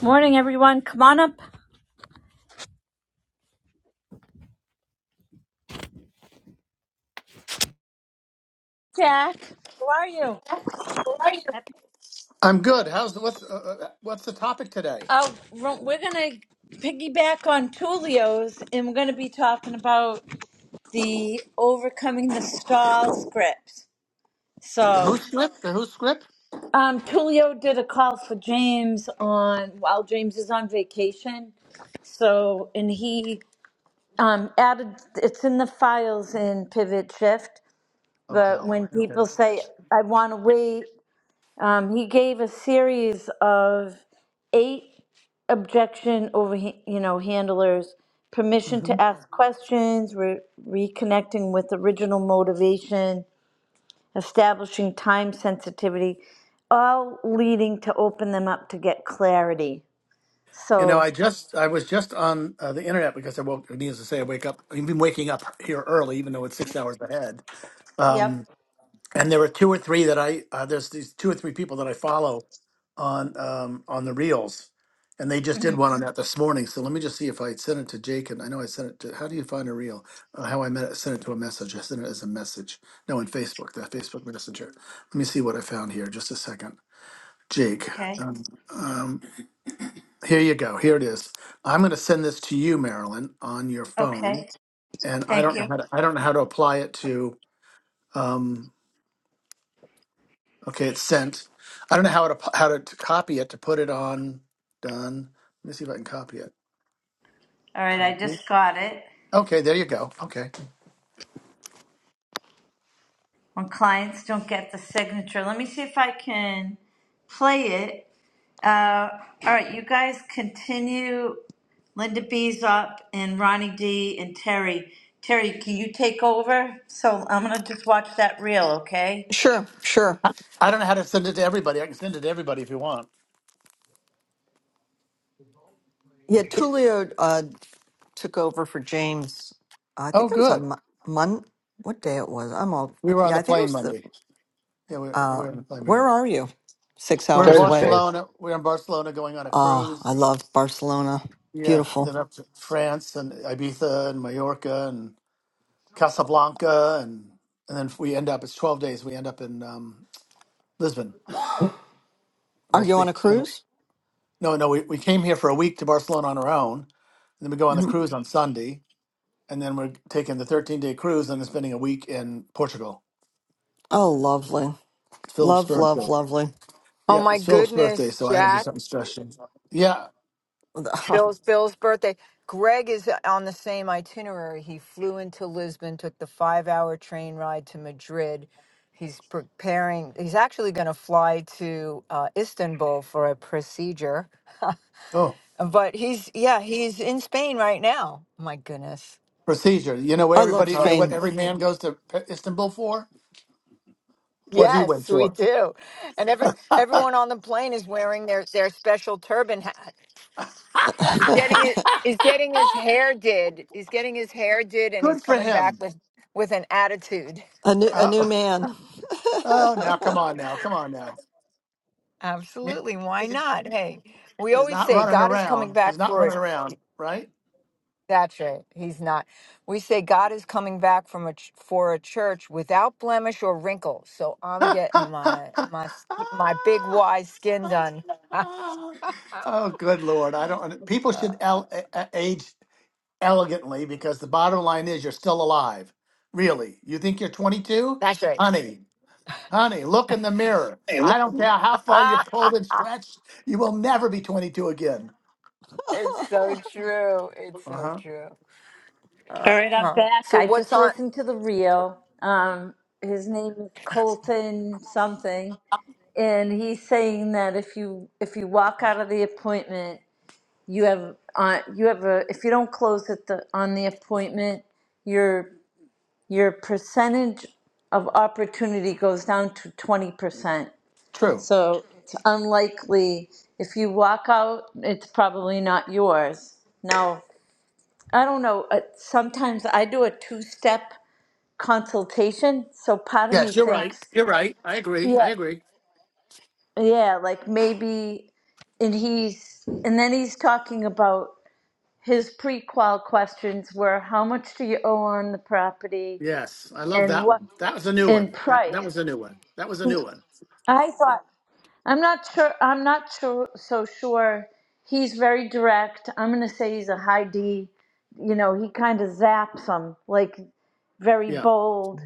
Morning, everyone. Come on up. Jack, how are you? Happy. I'm good. How's the what's uh, uh, what's the topic today? Oh, we're we're gonna piggyback on Tulio's, and we're gonna be talking about the overcoming the stall script. The So, Who script? The Who script? um, Tulio did a call for James on while James is on vacation. So, and he um, added it's in the files in Pivot Shift. Oh But hell. when Okay. people say, "I want to wait," Um, he gave a series of eight objection over, you know, handlers, permission hmm to ask Mhm. questions, re- reconnecting with original motivation, establishing time sensitivity, all leading to open them up to get clarity. You know, I So, just I was just on uh, the internet because I woke. Needless to say, I wake up. I've been waking up here early, even though it's six hours ahead. Um. yep. and there were two or three that I uh, there's these two or three people that I follow on um, on the reels, and they just did one on that this morning. So let me just see if I sent it to Jake, and I know I sent it to. How do you find a reel? Uh, how I met it, sent it to a message. I sent it as a message. No, in Facebook, that Facebook Messenger. Let me see what I found here. Just a second, Jake. Okay. Um, um, here you go. Here it is. I'm going to send this to you, Marilyn, on your phone, Okay. and I Thank don't know you. how to, I don't know how to apply it to. Um, Okay, it's sent. I don't know how to how to, to copy it to put it on. Done. Let me see if I can copy it. All right. I Copy. just got it. Okay, there you go. Okay. when clients don't get the signature. Let me see if I can play it. Uh, all right, you guys continue. Linda B's up and Ronnie D and Terry. Terry, can you take over? So I'm going to just watch that reel, okay? Sure, sure. I, I don't know how to send it to everybody. I can send it to everybody if you want. Yeah, Tulio uh, took over for James. I Oh, think it was good. on Mon. Mon- what day it was? I'm all. We were on Yeah, the I think it plane was the. Monday. Yeah, we, we Uh, were on the plane where Monday. are you? Six We're in hours away. Thursday. Barcelona. We're in Barcelona going on a Ah, cruise. I love Barcelona. Yeah, Beautiful. then up to France and Ibiza and Mallorca and Casablanca and and then we end up. It's twelve days. We end up in um, Lisbon. Are We'll you on speak. a cruise? No, no, we, we came here for a week to Barcelona on our own. And then we go on the Mhm. cruise on Sunday. And then we're taking the 13 day cruise and then spending a week in Portugal. Oh, lovely. It's Philip's Love, love, birthday. lovely. Oh Yeah, my it's Philip's birthday. goodness, So I had to do Jack, something stretching. Yeah. Bill's Bill's birthday. Greg is on the same itinerary. He flew into Lisbon, took the 5-hour train ride to Madrid. He's preparing. He's actually going to fly to uh, Istanbul for a procedure. Oh, But he's yeah, he's in Spain right now. My goodness. procedure. You know what I love everybody, That's you know awesome. what Spain. every man goes to P- Istanbul for? What he went Yes, we for. do. And every everyone on the plane is wearing their their special turban hat. He's getting it. He's getting his hair did. He's getting his hair did, and Good he's for coming back him. with with an attitude. a new, a Uh, new man. oh, now come on now. Come on now. He- Absolutely. Why he- not? Hey, we He's always not say running God is coming around. He's back not for running it. around, right? That's right. He's not. We say God is coming back from a ch- for a church without blemish or wrinkle. So I'm getting my my sk- my big Y skin done. Oh, good Lord. I don't, people should el- a- a- age elegantly because the bottom line is you're still alive. Really. You think you're 22? That's right. Honey, honey, look in the mirror. Hey, look. I don't care how far you're Ah, pulled and stretched, you will never be 22 again. it's so true. It's Uh so huh. true. All right, I'm Uh-huh. back. So I what's just listened to the reel. Um, his name is Colton something and he's saying that if you if you walk out of the appointment you have on you have a if you don't close at the on the appointment your your percentage of opportunity goes down to 20% True. so it's unlikely if you walk out it's probably not yours now i don't know uh, sometimes i do a two step consultation so part of me Yes, you're right. thinks You're right. I agree. I yeah agree. yeah like maybe and he's and then he's talking about his prequel questions were how much do you owe on the property Yes. I love and that what one. That was a new in one. That, that price. was a new one. That was a He- new one. I thought I'm not sure. I'm not sure. So sure. He's very direct. I'm gonna say he's a high D. You know, he kind of zaps them like very Yeah. bold.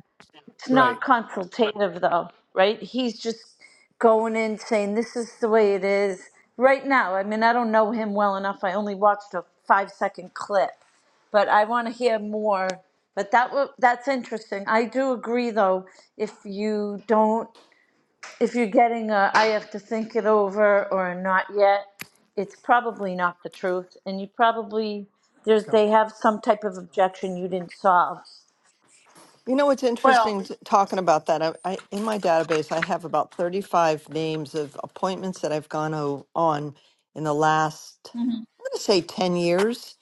It's not Right. consultative though, right? He's just going in saying this is the way it is right now. I mean, I don't know him well enough. I only watched a five second clip but I want to hear more. But that wa- that's interesting. I do agree though. If you don't, if you're getting a, I have to think it over or a not yet, it's probably not the truth, and you probably there's So, they have some type of objection you didn't solve. You know what's well, interesting t- talking about that? I, I in my database I have about 35 names of appointments that I've gone o- on in the last I'm going to say 10 years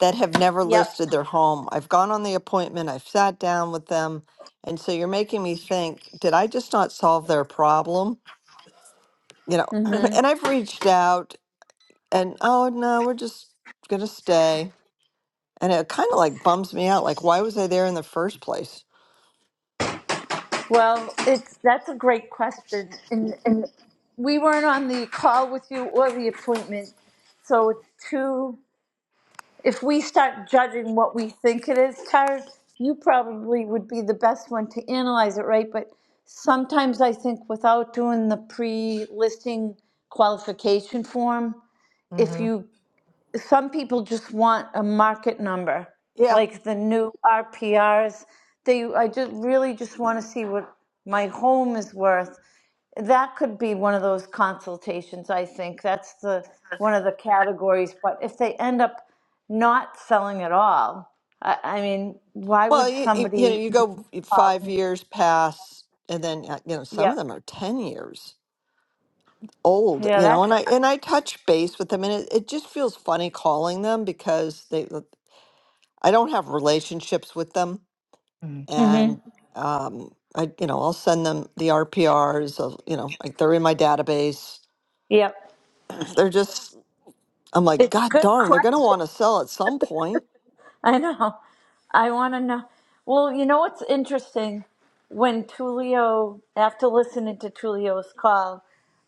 that have never Yep. listed their home. I've gone on the appointment, I've sat down with them, and so you're making me think, did I just not solve their problem? You know, hmm and I've reached out and oh no, we're just going to stay. And it kind of like bums me out like why was I there in the first place? Well, it's that's a great question, and we weren't on the call with you or the appointment, so it's two. if we start judging what we think it is, Tara, you probably would be the best one to analyze it, right? But sometimes I think without doing the pre-listing qualification form, if on? you, some people just want a market number, Yeah. like the new RPRs. They, I just really just want to see what my home is worth that could be one of those consultations i think that's the one of the categories but if they end up not selling at all i, I mean why Well, would you, you you know, somebody you go call five in? years past, and then uh, you know some yep of them are ten years old. yeah You know, that's and I and I touch base with them, and it, it just feels funny calling them because they uh, I don't have relationships with them, hmm hmm and um, I you know I'll send them the RPRs of you know like they're in my database. yep They're just I'm like it's a God good darn, they're gonna question want to sell at some point. i know i want to know well you know what's interesting when tulio after listening to tulio's call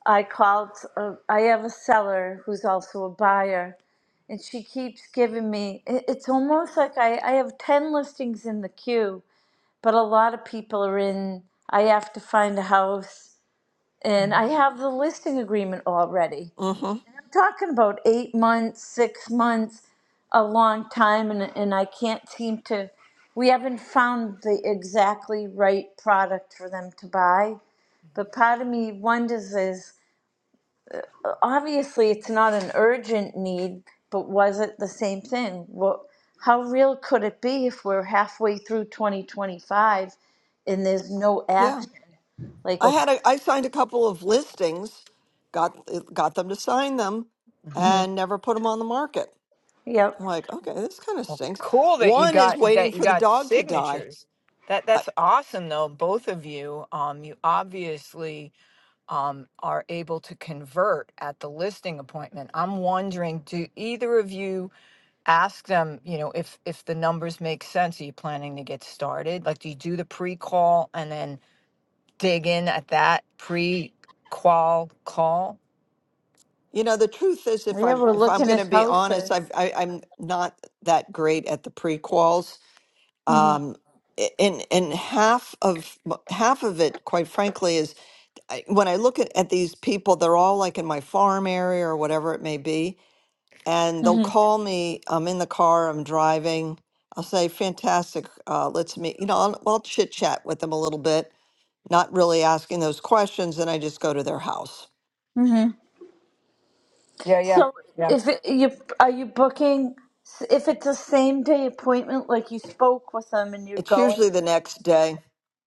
i called uh, i have a seller who's also a buyer and she keeps giving me it- it's almost like I, I have 10 listings in the queue but a lot of people are in i have to find a house and Mhm. i have the listing agreement already Mm-hmm. talking about eight months six months a long time and, and i can't seem to we haven't found the exactly right product for them to buy but part of me wonders is obviously it's not an urgent need, but was it the same thing? What, how real could it be if we're halfway through 2025 and there's no Yeah. action? Like, I But had a, I signed a couple of listings, got got them to sign them, Mhm. and never put them on the market. yep, I'm like, okay, this kind of stinks. cool that you One is got waiting that you for the got dog to die. signatures. That I, that's awesome though. Both of you, um, you obviously um, are able to convert at the listing appointment. I'm wondering, do either of you ask them? You know, if if the numbers make sense, are you planning to get started? Like, do you do the pre call and then dig in at that pre qual call? you know, the truth is, yeah, if I'm we're if I'm looking going to at be houses. honest, I've, I, I'm not that great at the prequels. hmm Um, i- and and half of half of it, quite frankly, is I, when I look at, at these people, they're all like in my farm area or whatever it may be and they'll hmm call me. I'm in the car, I'm driving. I'll say, fantastic, uh, let's meet. You know, I'll, I'll chit chat with them a little bit, not really asking those questions. And I just go to their house. hmm Yeah, yeah, So, yeah. if it, you are you booking, if it's a same day appointment, like you spoke with them and you're It's going usually the next day.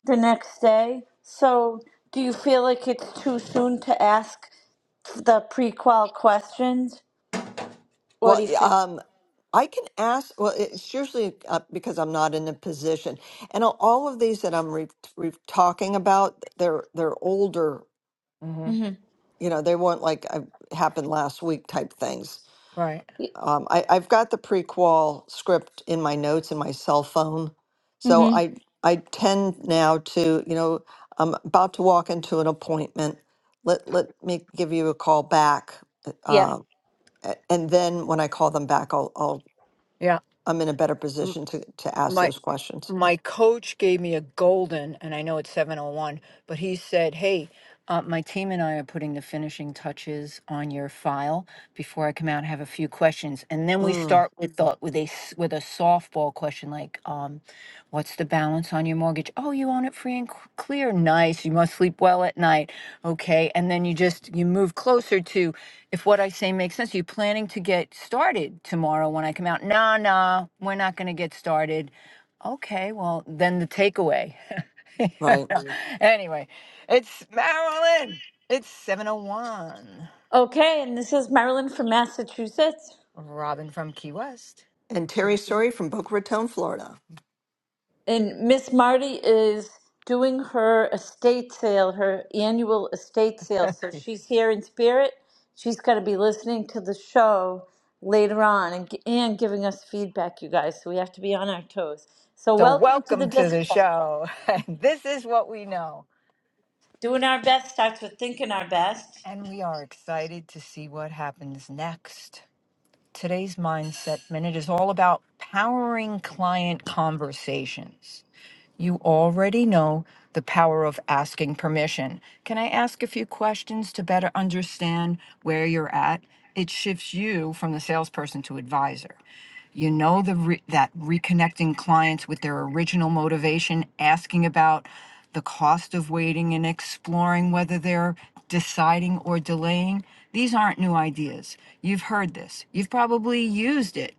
the next day, so do you feel like it's too soon to ask the prequel questions? What Well, do you y- feel? um, I can ask, well, it's usually uh, because I'm not in a position. And all all of these that I'm re- re- talking about, they're, they're older, Mhm. Mm-hmm. you know, they weren't like uh, happened last week type things. Right. Um, I, I've got the prequel script in my notes in my cell phone, so Mm-hmm. I I tend now to you know I'm about to walk into an appointment. Let let me give you a call back, Yeah. uh, a- and then when I call them back, I'll I'll Yeah. I'm in a better M- position to to ask my. those questions. my coach gave me a golden, and I know it's 701, but he said, Hey, uh, my team and I are putting the finishing touches on your file. Before I come out, I have a few questions, and then we Mm, start with the, with a s- with a softball question like, um, "What's the balance on your mortgage? Oh, you own it free and c- clear. Nice. You must sleep well at night. Okay." And then you just you move closer to, if what I say makes sense. you planning to get started tomorrow when I come out. Nah, nah, we're not going to get started Okay, well, then the takeaway. You know? right. Mm. anyway, it's Marilyn. It's 701. Okay, and this is Marilyn from Massachusetts. Robin from Key West. And Terry Story from Boca Raton, Florida. And Miss Marty is doing her estate sale, her annual estate sale. So she's here in spirit. She's going to be listening to the show later on and, gi- and giving us feedback, you guys. So we have to be on our toes. So So, welcome to the welcome to the district. show. And this is what we know. Doing our best starts with thinking our best. And we are excited to see what happens next. Today's Mindset Minute is all about powering client conversations. You already know the power of asking permission. Can I ask a few questions to better understand where you're at? It shifts you from the salesperson to advisor. You know the re- that reconnecting clients with their original motivation, asking about the cost of waiting and exploring whether they're deciding or delaying. These aren't new ideas. You've heard this. You've probably used it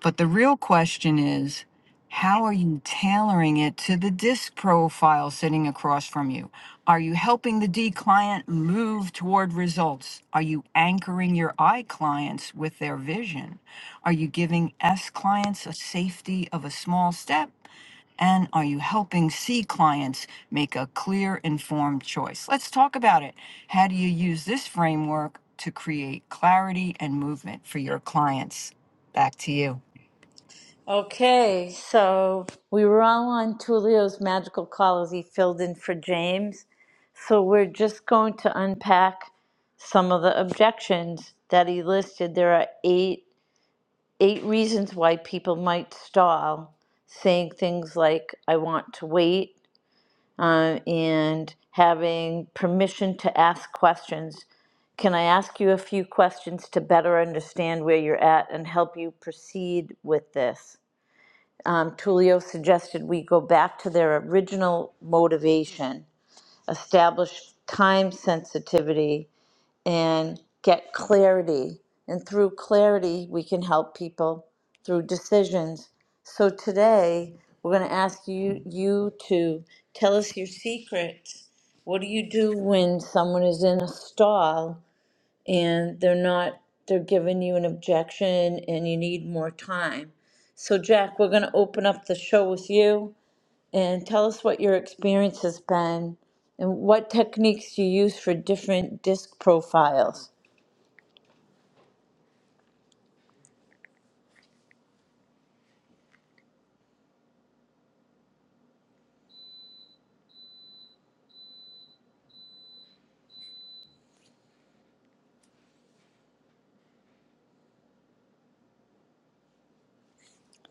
but the real question is, how are you tailoring it to the disk profile sitting across from you? Are you helping the D client move toward results? Are you anchoring your I clients with their vision? Are you giving S clients a safety of a small step? And are you helping C clients make a clear, informed choice? Let's talk about it. How do you use this framework to create clarity and movement for your clients? Back to you. Okay, so we were all on Tulio's magical call as he filled in for James. So we're just going to unpack some of the objections that he listed. There are eight eight reasons why people might stall, saying things like "I want to wait" uh, and having permission to ask questions. Can I ask you a few questions to better understand where you're at and help you proceed with this? um, Tullio suggested we go back to their original motivation, establish time sensitivity, and get clarity. And through clarity, we can help people through decisions. So today, we're going to ask you you to tell us your secrets. What do you do when someone is in a stall and they're not, they're giving you an objection and you need more time. So Jack, we're gonna open up the show with you and tell us what your experience has been and what techniques you use for different disc profiles.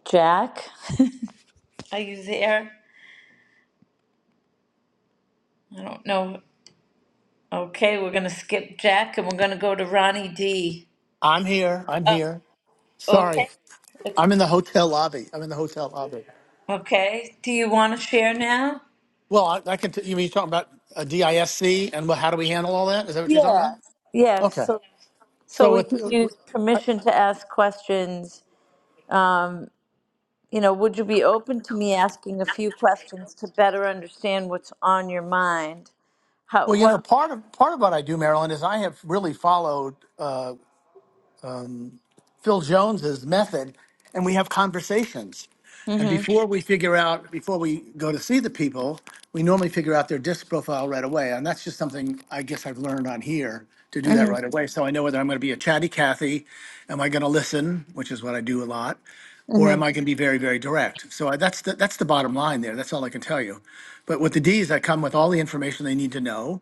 Jack, are you there? I don't know. Okay, we're gonna skip Jack and we're gonna go to Ronnie D. I'm here. I'm Oh, here. Sorry. okay. It's I'm in the hotel lobby. I'm in the hotel lobby. okay. Do you want to share now? Well, I, I can. T- you mean you're talking about a DISC and what, how do we handle all that? Is that what you're talking Yeah. about? Yeah. Okay. So So So, we with, can use permission to ask questions. Um, you know, would you be open to me asking a few questions to better understand what's on your mind? How, well, you what? know, part of part of what I do, Marilyn, is I have really followed. uh, Phil Jones's method, and we have conversations. And Mm-hmm, before we figure out, before we go to see the people, we normally figure out their disc profile right away. And that's just something I guess I've learned on here to do that right mm-hmm, away. So I know whether I'm going to be a chatty Cathy, am I going to listen, which is what I do a lot, or mm-hmm, am I going to be very, very direct? So I, that's the, that's the bottom line there. That's all I can tell you. But with the D's, I come with all the information they need to know.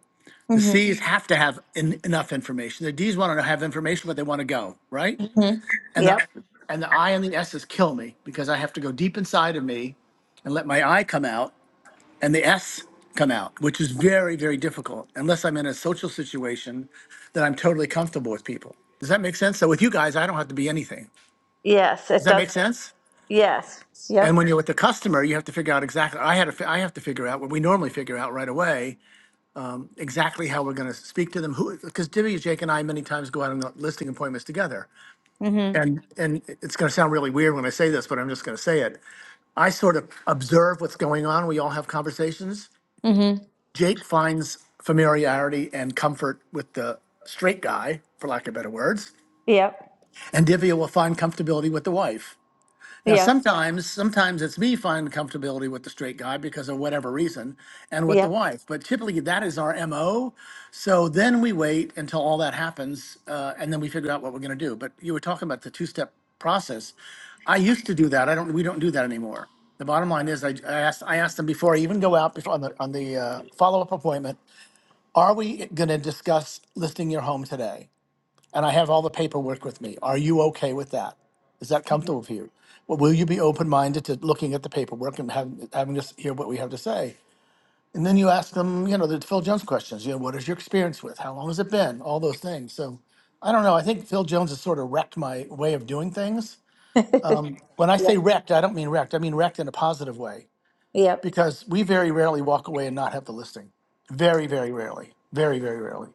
The mm-hmm, C's have to have en- enough information. The D's want to have information, but they want to go right mm-hmm. and Yep. the and the I and the S's kill me because I have to go deep inside of me and let my I come out and the S come out, which is very, very difficult unless I'm in a social situation that I'm totally comfortable with people. Does that make sense? So with you guys, I don't have to be anything. Yes, it Does that does. make sense? Yes. And Yep. when you're with the customer, you have to figure out exactly. I had to. fi- I have to figure out what we normally figure out right away exactly how we're going to speak to them. Who? Because Divya, Jake, and I many times go out on listing appointments together, Mm-hmm, and and it's going to sound really weird when I say this, but I'm just going to say it. I sort of observe what's going on. We all have conversations. mm-hmm. Jake finds familiarity and comfort with the straight guy, for lack of better words, Yep. and Divya will find comfortability with the wife. Now, Yep. sometimes, sometimes it's me finding comfortability with the straight guy because of whatever reason, and with the Yep. wife. But typically, that is our mo. So then we wait until all that happens, uh, and then we figure out what we're going to do. But you were talking about the two-step process. I used to do that. I don't. We don't do that anymore. The bottom line is, I, I asked. I asked them before I even go out before on the on the uh, follow-up appointment. Are we going to discuss listing your home today? and I have all the paperwork with me. Are you okay with that? Is that comfortable for you? Well, will you be open minded to looking at the paperwork and having, having us hear what we have to say? And then you ask them, you know, the Phil Jones questions. You know, what is your experience with? How long has it been? All those things. So I don't know. I think Phil Jones has sort of wrecked my way of doing things. When I say Yep. wrecked, I don't mean wrecked. I mean wrecked in a positive way Yep. because we very rarely walk away and not have the listing. Very, very rarely. Very, very rarely.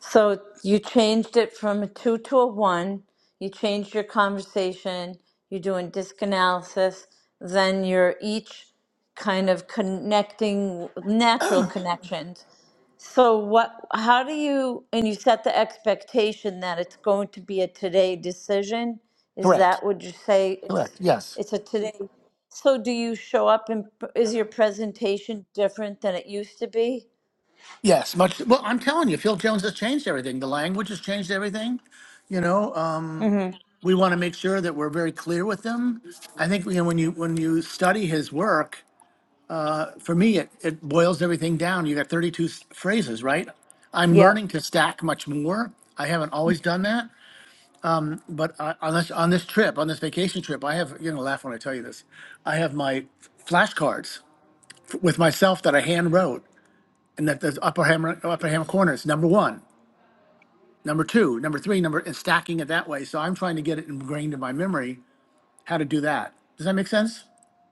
So you changed it from a two to a one. You changed your conversation. You're doing disc analysis. Then you're each kind of connecting natural connections. So what? How do you? And you set the expectation that it's going to be a today decision. Is Correct. that what you say? Correct. It's Yes. it's a today. So do you show up and is your presentation different than it used to be? Yes, much. Well, I'm telling you, Phil Jones has changed everything. The language has changed everything. You know, um, Mm-hmm. we want to make sure that we're very clear with them. I think you know, when you when you study his work, for me, it, it boils everything down. You got 32 s- phrases, right? I'm learning to stack much more. I haven't always done that, but uh, on this on this trip, on this vacation trip, I have you know, laugh when I tell you this. I have my flashcards f- with myself that I hand wrote, and that the upper hammer upper hand corner is number one. Number two, number three, number and stacking it that way. So I'm trying to get it ingrained in my memory how to do that. Does that make sense?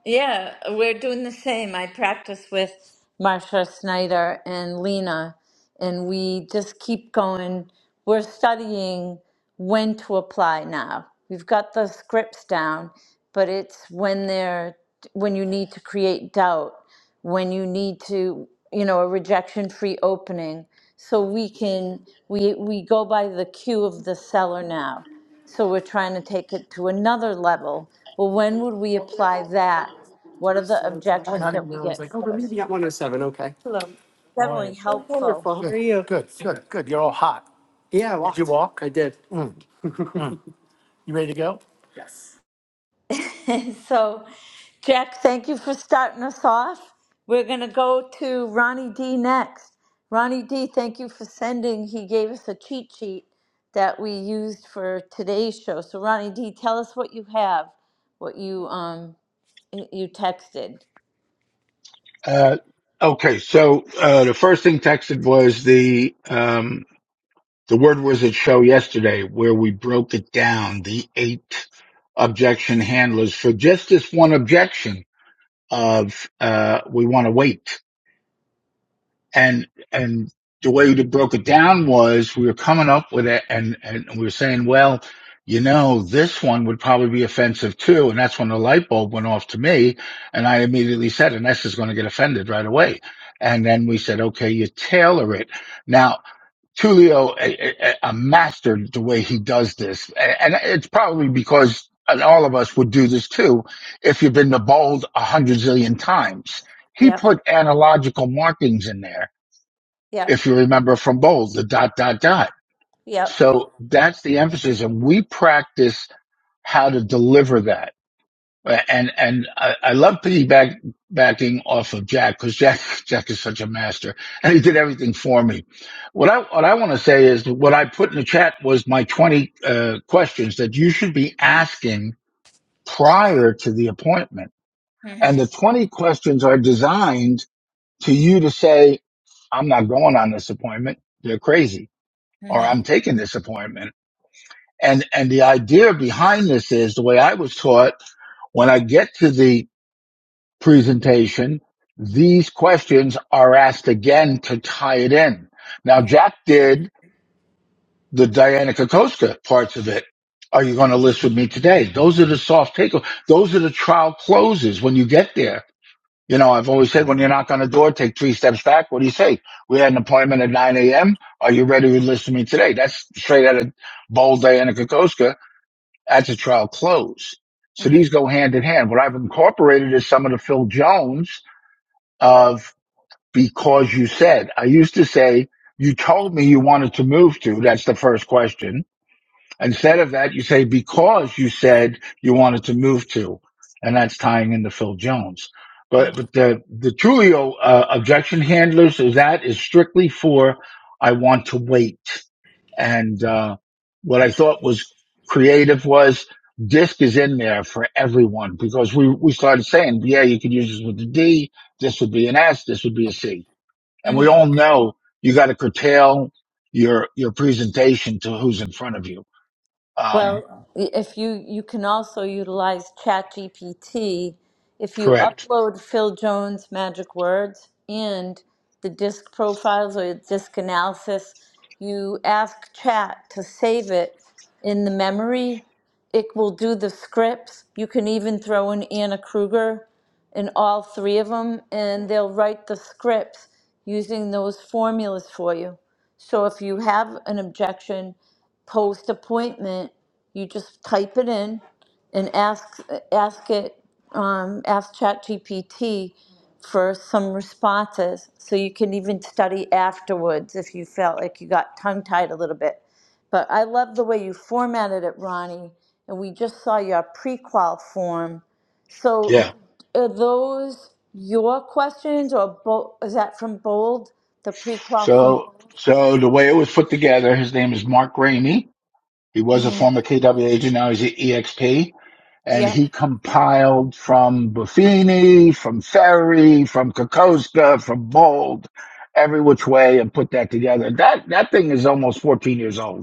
Yeah, we're doing the same. I practice with Marsha Snyder and Lena, and we just keep going. We're studying when to apply now. We've got the scripts down, but it's when they're when you need to create doubt, when you need to, you know, a rejection-free opening. So we can we we go by the cue of the seller now. So we're trying to take it to another level. Well, when would we apply that? What are the Hi, objections honey. that And we I was get like, oh, we're first? meeting at 107. Okay. Hello. Definitely helpful. Wonderful. How Good, are you? good, good, good. You're all hot. Yeah, I Did you walked. walk? I did. You ready to go? Yes. so, Jack, thank you for starting us off. We're going to go to Ronnie D next. Ronnie D, thank you for sending. He gave us a cheat sheet that we used for today's show. So, Ronnie D, tell us what you have, what you um you texted. Uh, okay, so uh, the first thing texted was the um, the word wizard show yesterday, where we broke it down the eight objection handlers for just this one objection of uh, we want to wait. and and the way we broke it down was we were coming up with it and and we were saying well you know this one would probably be offensive too and that's when the light bulb went off to me and i immediately said ines is going to get offended right away and then we said okay you tailor it now tulio eh, eh, eh, mastered the way he does this and it's probably because and all of us would do this too if you've been to bold a hundred zillion times he Yep, put analogical markings in there yep, if you remember from Bowles, the dot, dot, dot. yep. So that's the emphasis. And we practice how to deliver that. And, and I, I love piggyback backing off of Jack because Jack, Jack is such a master and he did everything for me. What I, what I want to say is that what I put in the chat was my 20 uh, questions that you should be asking prior to the appointment. And the Mm-hmm, 20 questions are designed to you to say, I'm not going on this appointment. They're crazy or I'm taking this appointment. And, and the idea behind this is the way I was taught when I get to the presentation, these questions are asked again to tie it in. Now, Jack did the Diana Kokoska parts of it. Are you going to list with me today? Those are the soft takeaways. Those are the trial closes when you get there You know, I've always said when you knock on the door, take three steps back. What do you say? We had an appointment at 9 a.m. Are you ready to listen to me today? That's straight out of bold Diana Kokoska at the trial close. So these mm-hmm. go hand in hand. What I've incorporated is some of the Phil Jones of because you said, I used to say, you told me you wanted to move to. That's the first question. Instead of that, you say, because you said you wanted to move to, and that's tying into Phil Jones. But, but the, the Trulio uh, objection handlers is that is strictly for, I want to wait. And, uh, what I thought was creative was disc is in there for everyone because we, we started saying, yeah, you could use this with a D. This would be an S. This would be a C. And we all know you got to curtail your, your presentation to who's in front of you. Um, Well, if you you can also utilize ChatGPT, if you Correct. upload Phil Jones' magic words and the disk profiles or disk analysis, you ask Chat to save it in the memory. It will do the scripts. You can even throw in Anna Kruger in all three of them, and they'll write the scripts using those formulas for you. So if you have an objection post appointment, you just type it in and ask ask it um, ask ChatGPT for some responses, so you can even study afterwards if you felt like you got tongue tied a little bit. But I love the way you formatted it, Ronnie. And we just saw your prequal form. So Yeah. are those your questions or bo- is that from Bold? The prequal from. So, so the way it was put together, his name is Mark Ramey. He was a Mm-hmm. former KW agent. Now he's at EXP and Yep. he compiled from Buffini, from Ferry, from Kokoska, from Bold, every which way and put that together. That, that thing is almost 14 years old.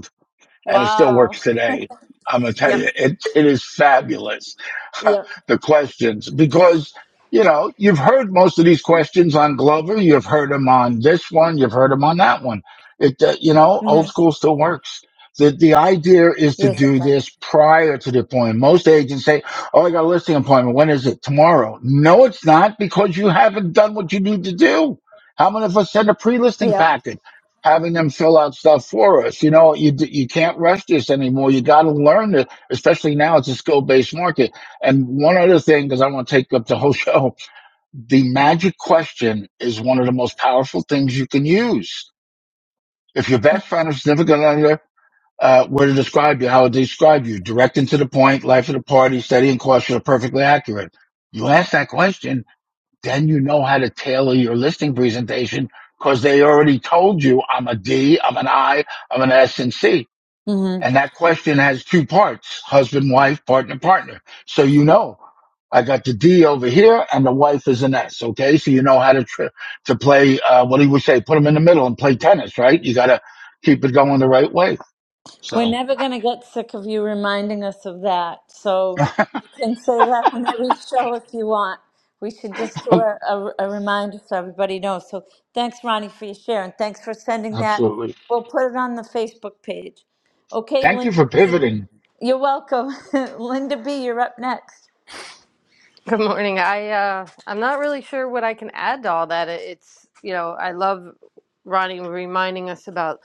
and it still Wow. works today. I'm gonna tell you, Yep. it, it is fabulous. Yep. the questions, because you know, you've heard most of these questions on Glover. You've heard them on this one. You've heard them on that one. It, uh, you know, old Mm-hmm. school still works. The, the idea is to Yes. do this prior to the appointment. Most agents say, Oh, I got a listing appointment. When is it? Tomorrow. No, it's not because you haven't done what you need to do. How many of us send a pre-listing Yep. package? having them fill out stuff for us. You know, you you can't rush this anymore. You got to learn it, especially now it's a skill based market. And one other thing, because I want to take up the whole show, the magic question is one of the most powerful things you can use. If your best friend or significant other uh, were to describe you, how would they describe you? Direct and to the point, life of the party, steady and cautious, are perfectly accurate. You ask that question then you know how to tailor your listing presentation because they already told you I'm a D, I'm an I, I'm an S and C. hmm And that question has two parts, husband, wife, partner, partner. So you know, I got the D over here and the wife is an S. Okay. So you know how to, tr- to play, uh, what do you would say? Put them in the middle and play tennis, right? You got to keep it going the right way. We're So never going to get sick of you reminding us of that. So you can say that on every show if you want. We should just do a, a, a reminder so everybody knows. So thanks, Ronnie, for your share. And thanks for sending that. absolutely. We'll put it on the Facebook page. Okay, Thank you Linda for B, pivoting. you're welcome. Linda B, you're up next. Good morning. I uh, I'm not really sure what I can add to all that. It- It's you know I love Ronnie reminding us about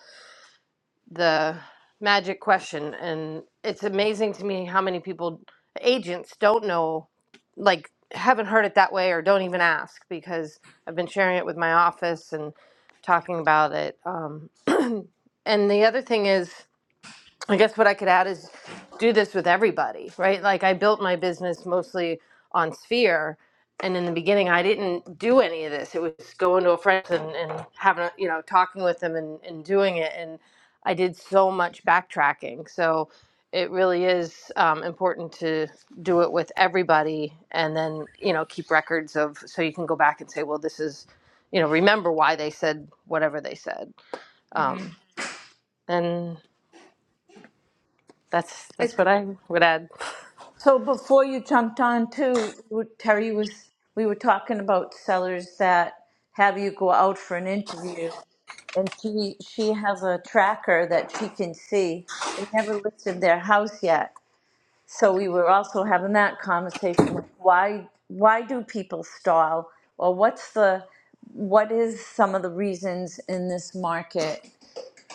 the magic question, and it's amazing to me how many people agents don't know, like haven't heard it that way or don't even ask because I've been sharing it with my office and talking about it. Um, and the other thing is. I guess what I could add is do this with everybody, right? Like I built my business mostly on Sphere, and in the beginning, I didn't do any of this. It was going to a friend and, and having, a, you know, talking with them and, and doing it. And I did so much backtracking. So it really is um, important to do it with everybody, and then you know keep records of so you can go back and say, well, this is, you know, remember why they said whatever they said. Um, and that's I- that's what I would add. So before you jumped on too, we- Terry was, we were talking about sellers that have you go out for an interview. and she she has a tracker that she can see. They never listed their house yet, so we were also having that conversation. Like why why do people stall, or what's the what is some of the reasons in this market?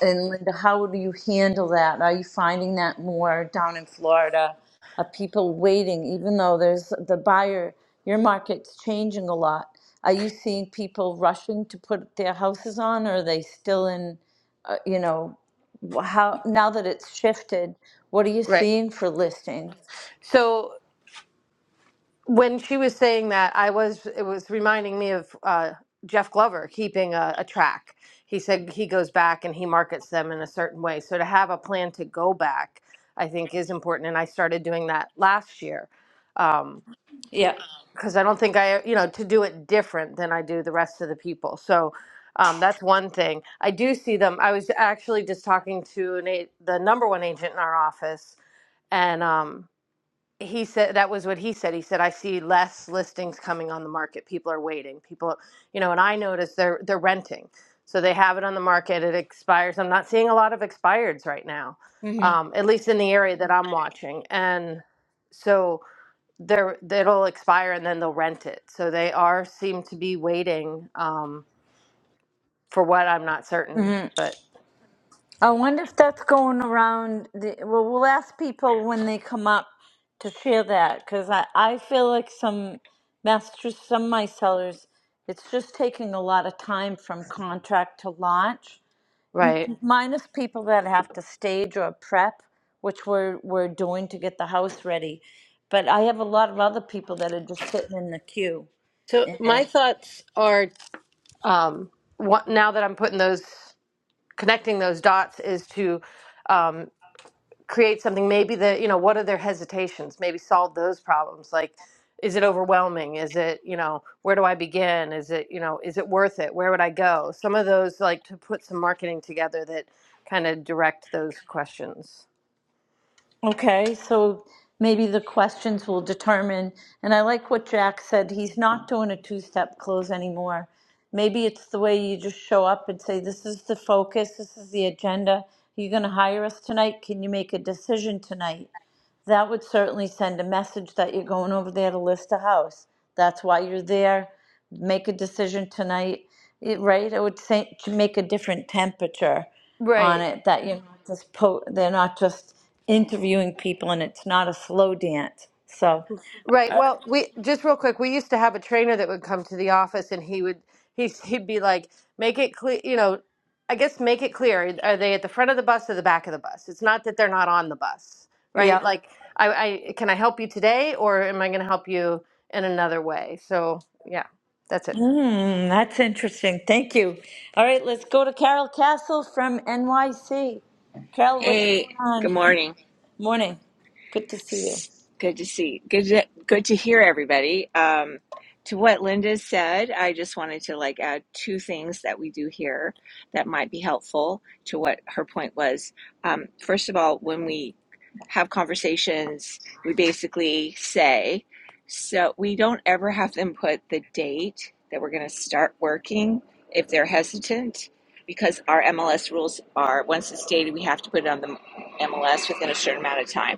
And Linda, how do you handle that? Are you finding that more down in Florida? Are people waiting, even though there's the buyer? Your market's changing a lot. Are you seeing people rushing to put their houses on, or are they still in? you know how now that it's shifted what are you Right. seeing for listings So when she was saying that, I was it was reminding me of uh, Jeff Glover keeping a, a track. He said he goes back and he markets them in a certain way. So to have a plan to go back, I think is important. And I started doing that last year because Yeah. I don't think I you know to do it different than I do the rest of the people. So. Um, that's one thing. I do see them. I was actually just talking to an a- the number one agent in our office, and um, he said that was what he said he said i see less listings coming on the market people are waiting people you know and i noticed they're they're renting so they have it on the market it expires i'm not seeing a lot of expireds right now hmm um, at least in the area that i'm watching and so they're it'll expire and then they'll rent it so they are seem to be waiting um, for what i'm not certain but i wonder if that's going around the, well we'll ask people when they come up to share that because I, I feel like some masters some of my sellers it's just taking a lot of time from contract to launch right n- minus people that have to stage or prep which we're we're doing to get the house ready but i have a lot of other people that are just sitting in the queue so my thoughts are um, what, now that i'm putting those connecting those dots is to um, create something maybe the you know what are their hesitations maybe solve those problems like is it overwhelming is it you know where do i begin is it you know is it worth it where would i go some of those like to put some marketing together that kind of direct those questions Okay, so maybe the questions will determine, and I like what Jack said, he's not doing a two-step close anymore. Maybe it's the way you just show up and say, this is the focus, this is the agenda. Are you gonna hire us tonight? Can you make a decision tonight? that would certainly send a message that you're going over there to list a house. That's why you're there. Make a decision tonight, It- right? It would say to make a different temperature right on it that you're not just po, they're not just interviewing people and it's not a slow dance. So, Right. Well, we just real quick, we used to have a trainer that would come to the office and he would he he'd be like, "Make it clear, you know, I guess make it clear, are they at the front of the bus or the back of the bus? It's not that they're not on the bus, right? yeah. Like, I, I can I help you today or am I going to help you in another way?" So, yeah. That's it. Hmm, that's interesting. Thank you. All right, let's go to Carol Castle from NYC. Carol, what's going Hey, good on? morning. Morning. Good to see you. Good to see. Good to, good to hear everybody. Um, to what Linda said, I just wanted to like add two things that we do here that might be helpful to what her point was. Um, first of all, when we have conversations, we basically say, so we don't ever have them put the date that we're going to start working if they're hesitant, because our MLS rules are once it's dated, we have to put it on the MLS within a certain amount of time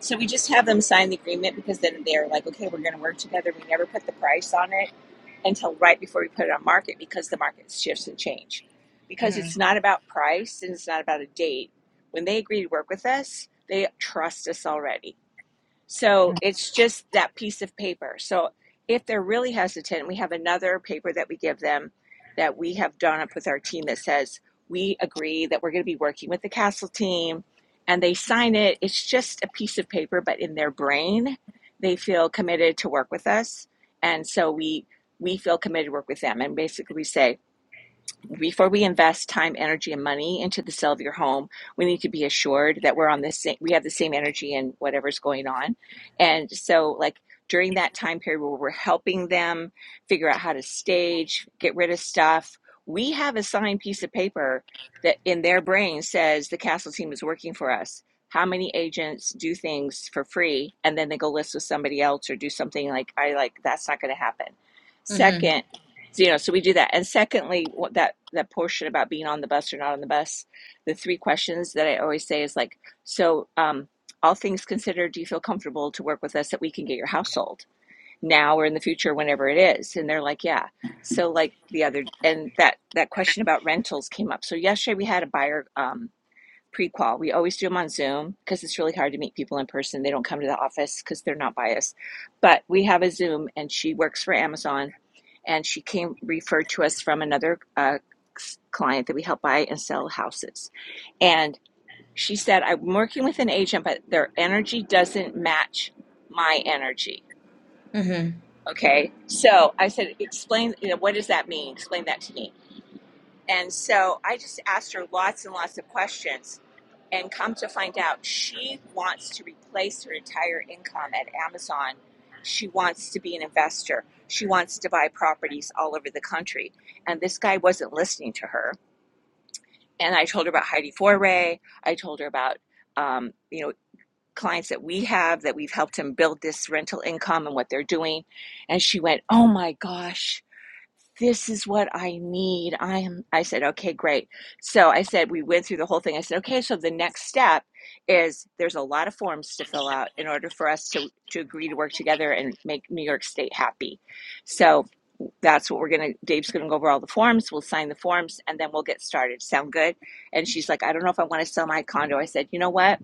so we just have them sign the agreement because then they're like, okay, we're going to work together. We never put the price on it until right before we put it on market because the market shifts and change. Because it's not about price and it's not about a date. When they agree to work with us, they trust us already. So it's just that piece of paper. So if they're really hesitant, we have another paper that we give them that we have drawn up with our team that says, we agree that we're going to be working with the castle team and they sign it. It's just a piece of paper, but in their brain, they feel committed to work with us. And so we, we feel committed to work with them. And basically we say, before we invest time, energy, and money into the sale of your home, we need to be assured that we're on the same, we have the same energy and whatever's going on. And so, like, during that time period where we're helping them figure out how to stage, get rid of stuff, we have a signed piece of paper that in their brain says the castle team is working for us. How many agents do things for free and then they go list with somebody else or do something like, I like, that's not going to happen. Mm-hmm. Second, so, you know, so we do that. And secondly, what that that portion about being on the bus or not on the bus, the three questions that I always say is like, so um, all things considered, do you feel comfortable to work with us that we can get your household now or in the future, whenever it is? And they're like, yeah. So like the other, and that that question about rentals came up. So yesterday we had a buyer um, pre-qual. We always do them on Zoom because it's really hard to meet people in person. They don't come to the office because they're not biased. But we have a Zoom, and she works for Amazon and she came referred to us from another uh, client that we help buy and sell houses. And she said, I'm working with an agent, but their energy doesn't match my energy. Okay. So I said, explain, you know, what does that mean? Explain that to me. And so I just asked her lots and lots of questions. And come to find out, she wants to replace her entire income at Amazon. She wants to be an investor. She wants to buy properties all over the country. And this guy wasn't listening to her. And I told her about Heidi Foray. I told her about, um, you know, clients that we have that we've helped him build this rental income and what they're doing. And she went, Oh my gosh this is what I need. I am I said, okay, great. So I said we went through the whole thing. I said, okay, so the next step is there's a lot of forms to fill out in order for us to to agree to work together and make New York State happy. So that's what we're gonna Dave's gonna go over all the forms, we'll sign the forms and then we'll get started. Sound good? And she's like, I don't know if I want to sell my condo. I said, you know what?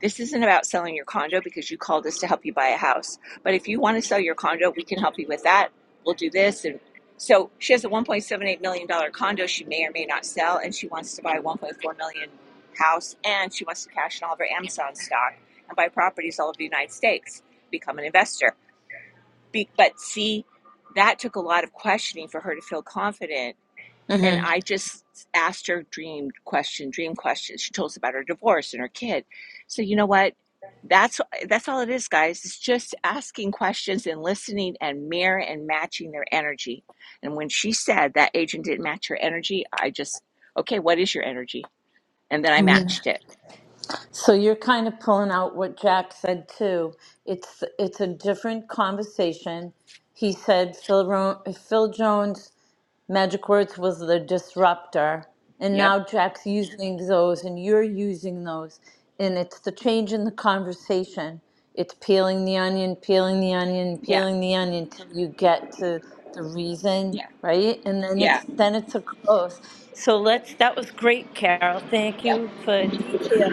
This isn't about selling your condo because you called us to help you buy a house. But if you want to sell your condo, we can help you with that. We'll do this. And so she has a $1.78 million dollars condo she may or may not sell, and she wants to buy a $1.4 million dollars house, and she wants to cash in all of her Amazon stock and buy properties all over the United States, become an investor. Be, but see, that took a lot of questioning for her to feel confident Mm-hmm. and I just asked her dream question, dream question. She told us about her divorce and her kid. So you know what? That's that's all it is, guys. It's just asking questions and listening and mirror and matching their energy. And when she said that agent didn't match her energy, I just okay, what is your energy? And then I matched it. So you're kind of pulling out what Jack said too. It's it's a different conversation. He said Phil, Ro- Phil Jones Magic Words was the disruptor, and Yep. now Jack's using those, and you're using those, and it's the change in the conversation. It's peeling the onion, peeling the onion, Yeah. peeling the onion till you get to the reason, Yeah. right? And then Yeah. it's then it's a close. So let's. That was great, Carol. Thank Yeah. you for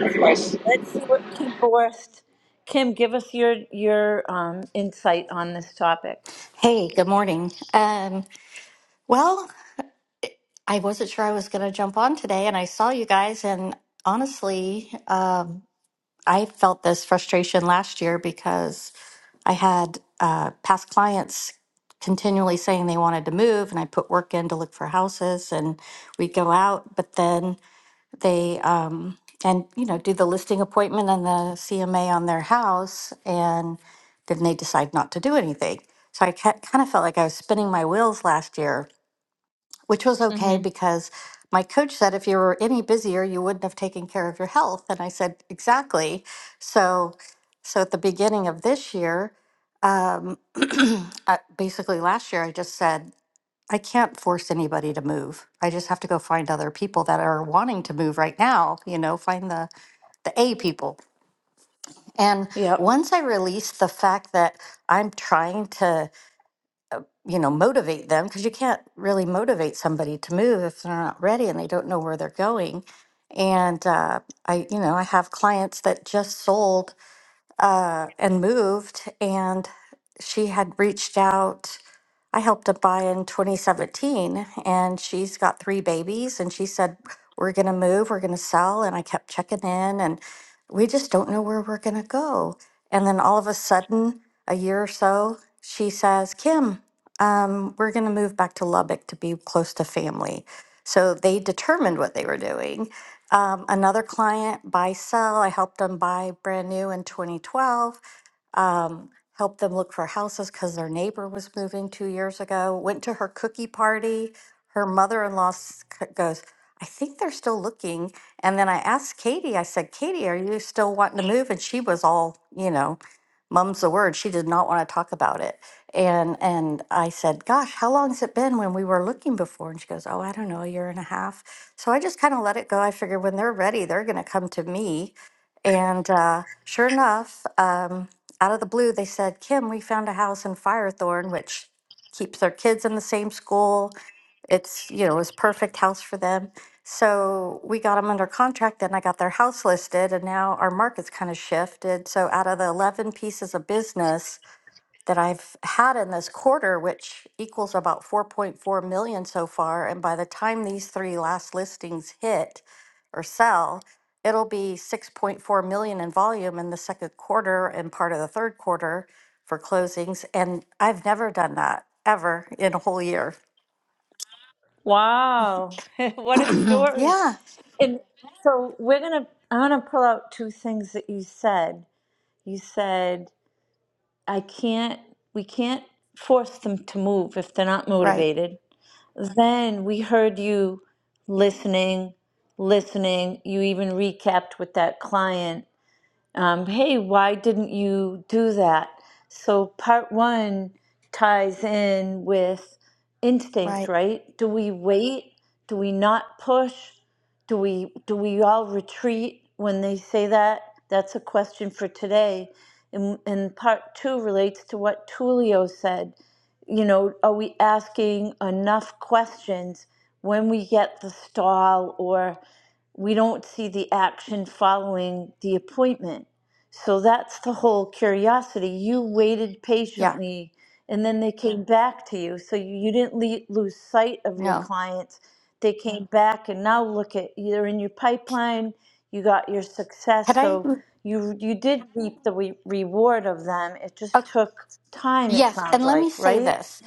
Of Let's see what Kim Borst. Kim, give us your your um, insight on this topic. Hey, good morning. Um, well, I wasn't sure I was going to jump on today, and I saw you guys, and honestly, um, I felt this frustration last year because I had uh, past clients continually saying they wanted to move, and I put work in to look for houses, and we'd go out, but then they um, and you know do the listing appointment and the CMA on their house, and then they decide not to do anything. So I kind of felt like I was spinning my wheels last year, which was okay Mm-hmm. because my coach said if you were any busier, you wouldn't have taken care of your health, and I said exactly. So, so at the beginning of this year, um, uh, basically last year, I just said. I can't force anybody to move. I just have to go find other people that are wanting to move right now, you know, find the the A people. And Yep. once I release the fact that I'm trying to, you know, motivate them because you can't really motivate somebody to move if they're not ready and they don't know where they're going. And uh, I, you know, I have clients that just sold uh, and moved, and she had reached out I helped to buy in 2017, and she's got three babies. And she said, We're going to move, we're going to sell. And I kept checking in, and we just don't know where we're going to go. And then all of a sudden, a year or so, she says, Kim, um, we're going to move back to Lubbock to be close to family. So they determined what they were doing. Um, another client, buy, sell, I helped them buy brand new in 2012 helped them look for houses because their neighbor was moving two years ago. Went to her cookie party. Her mother in law goes, I think they're still looking. And then I asked Katie, I said, Katie, are you still wanting to move? And she was all, you know, mum's the word. She did not want to talk about it. And and I said, Gosh, how long has it been when we were looking before? And she goes, Oh, I don't know, a year and a half. So I just kind of let it go. I figured when they're ready, they're going to come to me. And uh, sure enough, um, out of the blue, they said, Kim, we found a house in Firethorn, which keeps their kids in the same school. It's, you know, it's perfect house for them. So we got them under contract and I got their house listed and now our market's kind of shifted. So out of the 11 pieces of business, that I've had in this quarter, which equals about 4.4 million so far. And by the time these three last listings hit or sell, it'll be 6.4 million in volume in the second quarter and part of the third quarter for closings. And I've never done that ever in a whole year. Wow, what a story. yeah, And so we're going to, I want to pull out two things that you said. You said, I can't, we can't force them to move if they're not right, motivated. Then we heard you listening, listening. You even recapped with that client um, hey, why didn't you do that? So part one ties in with instinct, right. right? Do we wait? Do we not push? Do we do we all retreat when they say that? That's a question for today. And, and part two relates to what Tulio said. You know, are we asking enough questions when we get the stall or we don't see the action following the appointment. So that's the whole curiosity. You waited Yeah, patiently and then they came back to you. So you, you didn't le- lose sight of your no. clients. They came back and now look at are in your pipeline, you got your Had success. I? So mm, you you did reap the re- reward of them. It just took time, it Yes, sounds and let me like, say right? this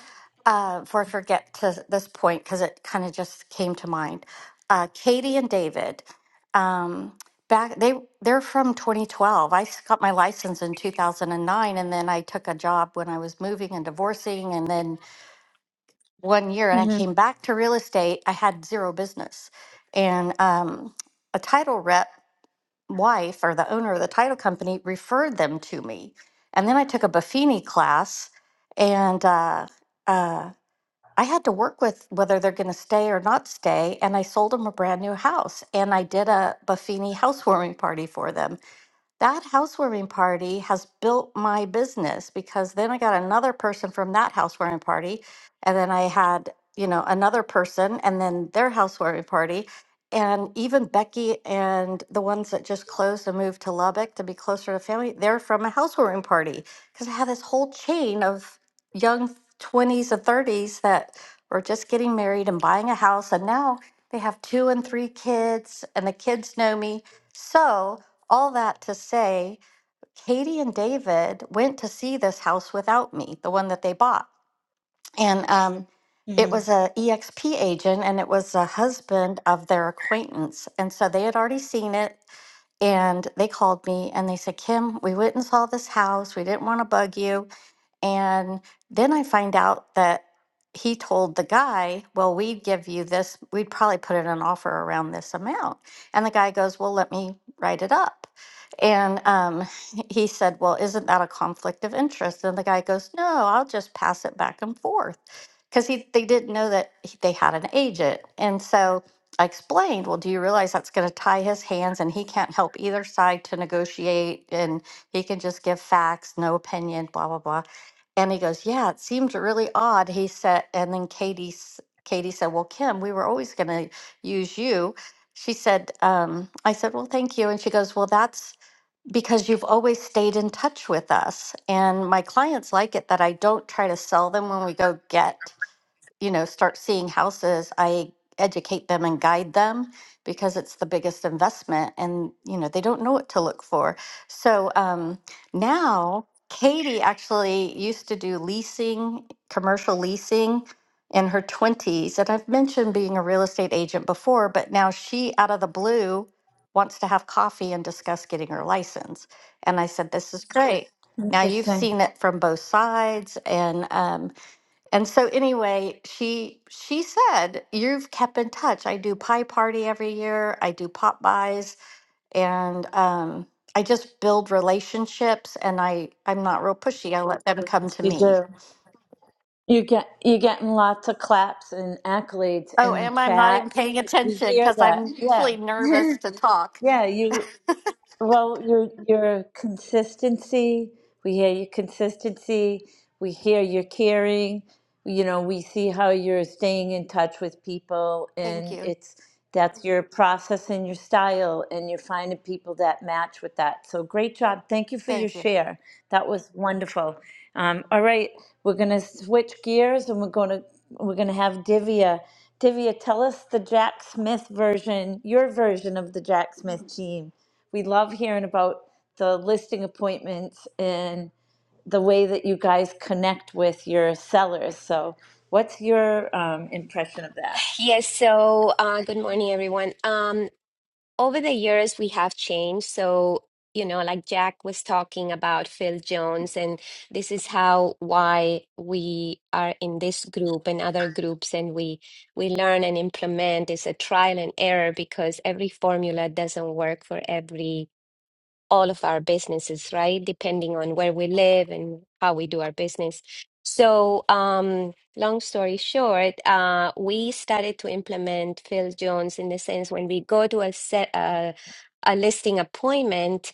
uh, before I forget to this point because it kind of just came to mind. Uh, Katie and David, um, back they they're from 2012. I s- got my license in 2009, and nine, and then I took a job when I was moving and divorcing, and then one year, and I came back to real estate. I had zero business, and um, a title rep wife or the owner of the title company referred them to me. And then I took a Buffini class, and uh, uh, I had to work with whether they're going to stay or not stay. And I sold them a brand new house, and I did a Buffini housewarming party for them that housewarming party has built my business because then I got another person from that housewarming party. And then I had, you know, another person and then their housewarming party. And even Becky and the ones that just closed and moved to Lubbock to be closer to family, they're from a housewarming party because I had this whole chain of young 20s and 30s that were just getting married and buying a house. And now they have two and three kids, and the kids know me. So, all that to say, Katie and David went to see this house without me, the one that they bought. And um, it Mm-hmm. was a EXP agent and it was a husband of their acquaintance. And so they had already seen it and they called me and they said, Kim, we went and saw this house. We didn't want to bug you. And then I find out that he told the guy, Well, we'd give you this, we'd probably put in an offer around this amount. And the guy goes, Well, let me write it up. And um, he said, Well, isn't that a conflict of interest? And the guy goes, No, I'll just pass it back and forth. Because he, they didn't know that he- they had an agent. And so I explained, Well, do you realize that's going to tie his hands and he can't help either side to negotiate? And he can just give facts, no opinion, blah, blah, blah. And he goes, "Yeah, it seemed really odd." He said, and then Katie, s- Katie said, "Well, Kim, we were always going to use you." She said, um, "I said, well, thank you." And she goes, "Well, that's because you've always stayed in touch with us, and my clients like it that I don't try to sell them when we go get." you know, start seeing houses, I educate them and guide them because it's the biggest investment and, you know, they don't know what to look for. So um, now Katie actually used to do leasing, commercial leasing in her 20s. And I've mentioned being a real estate agent before, but now she, out of the blue, wants to have coffee and discuss getting her license. And I said, This is great. Now you've Interesting. seen it from both sides. And, um, and so anyway, she she said, "You've kept in touch. I do pie party every year. I do pop buys, and um, I just build relationships. And I I'm not real pushy. I let them come Yes, to you me. do. You get you getting lots of claps and accolades Oh, in the am I? I'm not chat. even paying We attention hear because that. I'm usually Yeah. nervous to talk. yeah, you well, your your consistency, we hear your consistency, we hear your caring, you know, we see how you're staying in touch with people Thank and you, it's that's your process and your style and you're finding people that match with that. So great job. Thank you for your thank you. share. That was wonderful. Um, all right, we're gonna switch gears and we're gonna we're gonna have Divya. Divya, tell us the Jack Smith version, your version of the Jack Smith team. We love hearing about the listing appointments and the way that you guys connect with your sellers. So, what's your um, impression of that? Yes, so uh, good morning, everyone. Um, over the years, we have changed. So, you know, like Jack was talking about Phil Jones, and this is how why we are in this group and other groups, and we we learn and implement. It's a trial and error because every formula doesn't work for every all of our businesses, right? Depending on where we live and how we do our business. So, um, long story short, uh, we started to implement Phil Jones in the sense when we go to a set, uh, a listing appointment,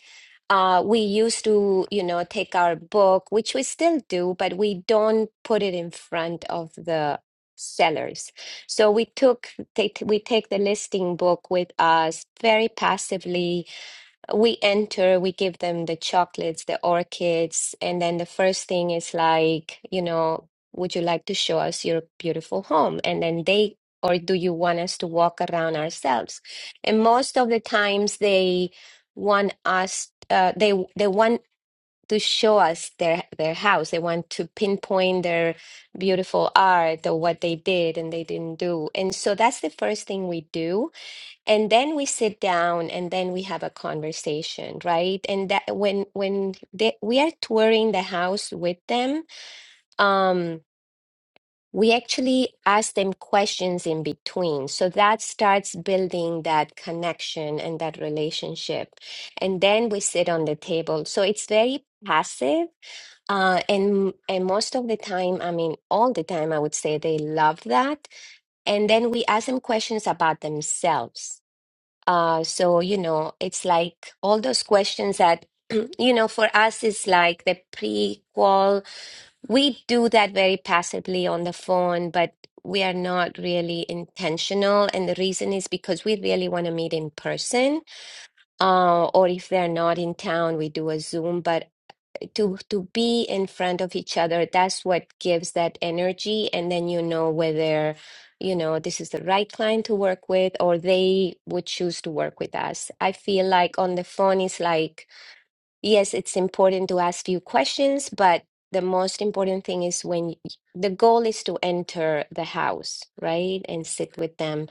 uh, we used to, you know, take our book, which we still do, but we don't put it in front of the sellers. So we took, take, we take the listing book with us very passively we enter, we give them the chocolates, the orchids, and then the first thing is like, you know, would you like to show us your beautiful home? And then they, or do you want us to walk around ourselves? And most of the times they want us, uh, they they want to show us their their house. They want to pinpoint their beautiful art or what they did and they didn't do. And so that's the first thing we do and then we sit down and then we have a conversation right and that when when they, we are touring the house with them um we actually ask them questions in between so that starts building that connection and that relationship and then we sit on the table so it's very passive uh, and and most of the time i mean all the time i would say they love that and then we ask them questions about themselves uh, so, you know, it's like all those questions that, you know, for us, it's like the prequel. We do that very passively on the phone, but we are not really intentional. And the reason is because we really want to meet in person. Uh, or if they're not in town, we do a Zoom. But to to be in front of each other that's what gives that energy and then you know whether you know this is the right client to work with or they would choose to work with us i feel like on the phone is like yes it's important to ask few questions but the most important thing is when y- the goal is to enter the house right and sit with them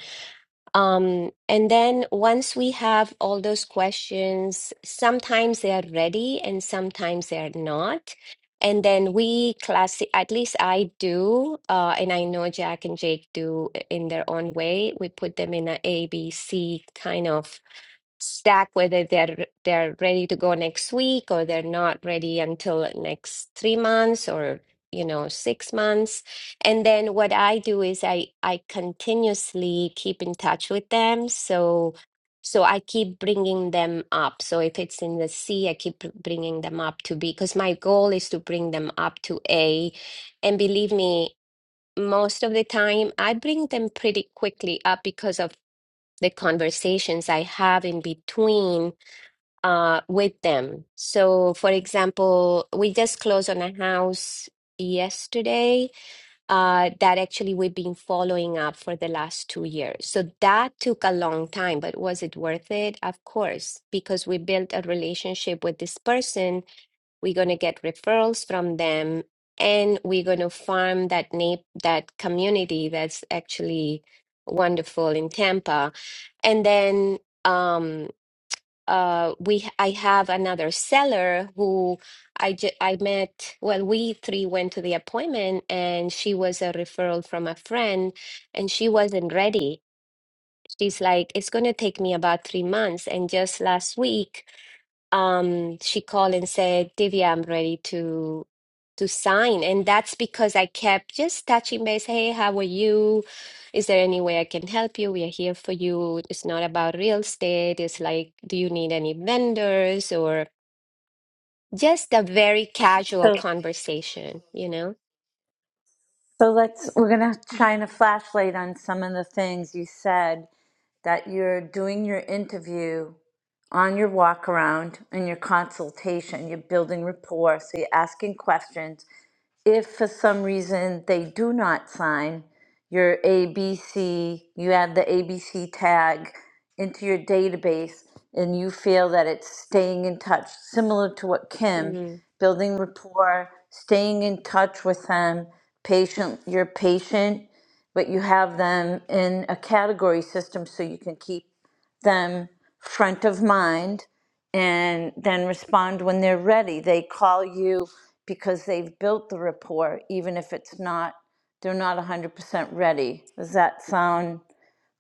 um, and then once we have all those questions, sometimes they are ready and sometimes they are not. And then we class, at least I do, uh, and I know Jack and Jake do i- in their own way. We put them in a ABC kind of stack whether they're they're ready to go next week or they're not ready until next three months or you know six months and then what i do is i i continuously keep in touch with them so so i keep bringing them up so if it's in the c i keep br- bringing them up to b because my goal is to bring them up to a and believe me most of the time i bring them pretty quickly up because of the conversations I have in between uh, with them. So, for example, we just closed on a house yesterday uh, that actually we've been following up for the last two years. So that took a long time, but was it worth it? Of course, because we built a relationship with this person we're going to get referrals from them and we're going to farm that na- that community that's actually wonderful in Tampa and then um uh we I have another seller who I ju- I met well we three went to the appointment and she was a referral from a friend and she wasn't ready she's like it's going to take me about 3 months and just last week um, she called and said, "Divya, I'm ready to to sign." And that's because I kept just touching base. Hey, how are you? Is there any way I can help you? We are here for you. It's not about real estate. It's like, do you need any vendors or just a very casual So, conversation, you know? so let's we're gonna shine a flashlight on some of the things you said that you're doing your interview on your walk around and your consultation. You're building rapport, so you're asking questions if for some reason they do not sign your ABC, you add the ABC tag into your database and you feel that it's staying in touch, similar to what Kim, Mm-hmm. building rapport, staying in touch with them, patient, you're patient, but you have them in a category system so you can keep them front of mind and then respond when they're ready. They call you because they've built the rapport, even if it's not, they're not 100% ready. Does that sound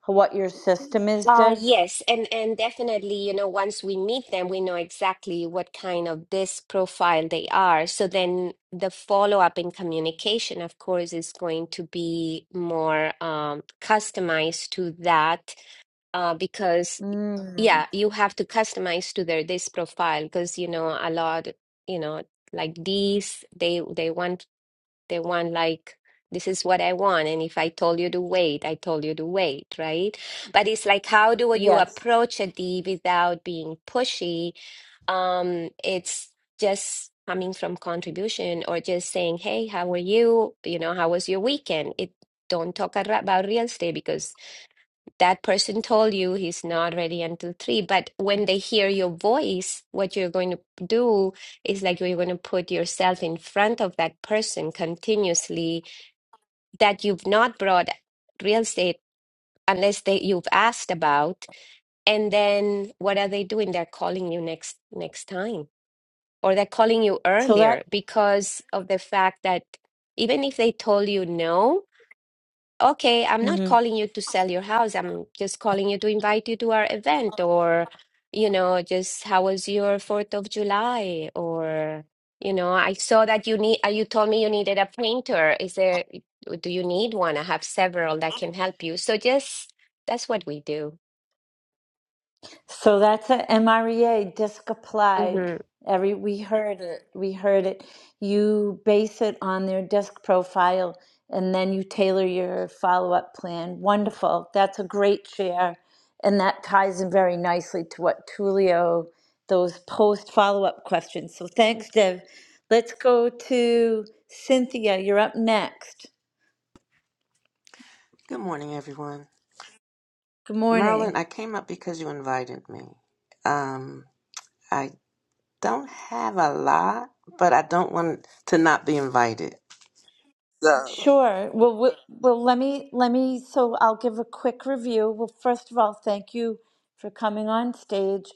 what your system is, Uh, Dev? yes, and and definitely, you know, once we meet them, we know exactly what kind of this profile they are. So then the follow-up in communication, of course, is going to be more um, customized to that uh, because, Mm, yeah, you have to customize to their this profile because, you know, a lot, you know, like these, they they want they want like, this is what I want. And if I told you to wait, I told you to wait, right? But it's like, how do you yes. approach a D without being pushy? Um, it's just coming from contribution or just saying, hey, how are you? You know, how was your weekend? It don't talk ar- about real estate because that person told you he's not ready until three. But when they hear your voice, what you're going to do is like you're going to put yourself in front of that person continuously that you've not brought real estate unless they you've asked about. And then what are they doing? They're calling you next next time, or they're calling you So that. earlier because of the fact that even if they told you no okay, I'm not mhm. calling you to sell your house. I'm just calling you to invite you to our event or, you know, just how was your 4th of July? Or, you know, I saw that you need, uh, you told me you needed a painter. Is there, do you need one? I have several that can help you. So just, that's what we do. So that's a MREA disc applied. Mm-hmm. Every we heard it, we heard it. You base it on their disc profile, and then you tailor your follow up plan. Wonderful. That's a great share, and that ties in very nicely to what Tulio those post follow up questions. So thanks, Dev. Let's go to Cynthia. You're up next. Good morning, everyone. Good morning. Marilyn, I came up because you invited me. Um, I don't have a lot, but I don't want to not be invited. So, Sure. Well, we- well, let me let me. So I'll give a quick review. Well, first of all, thank you for coming on stage.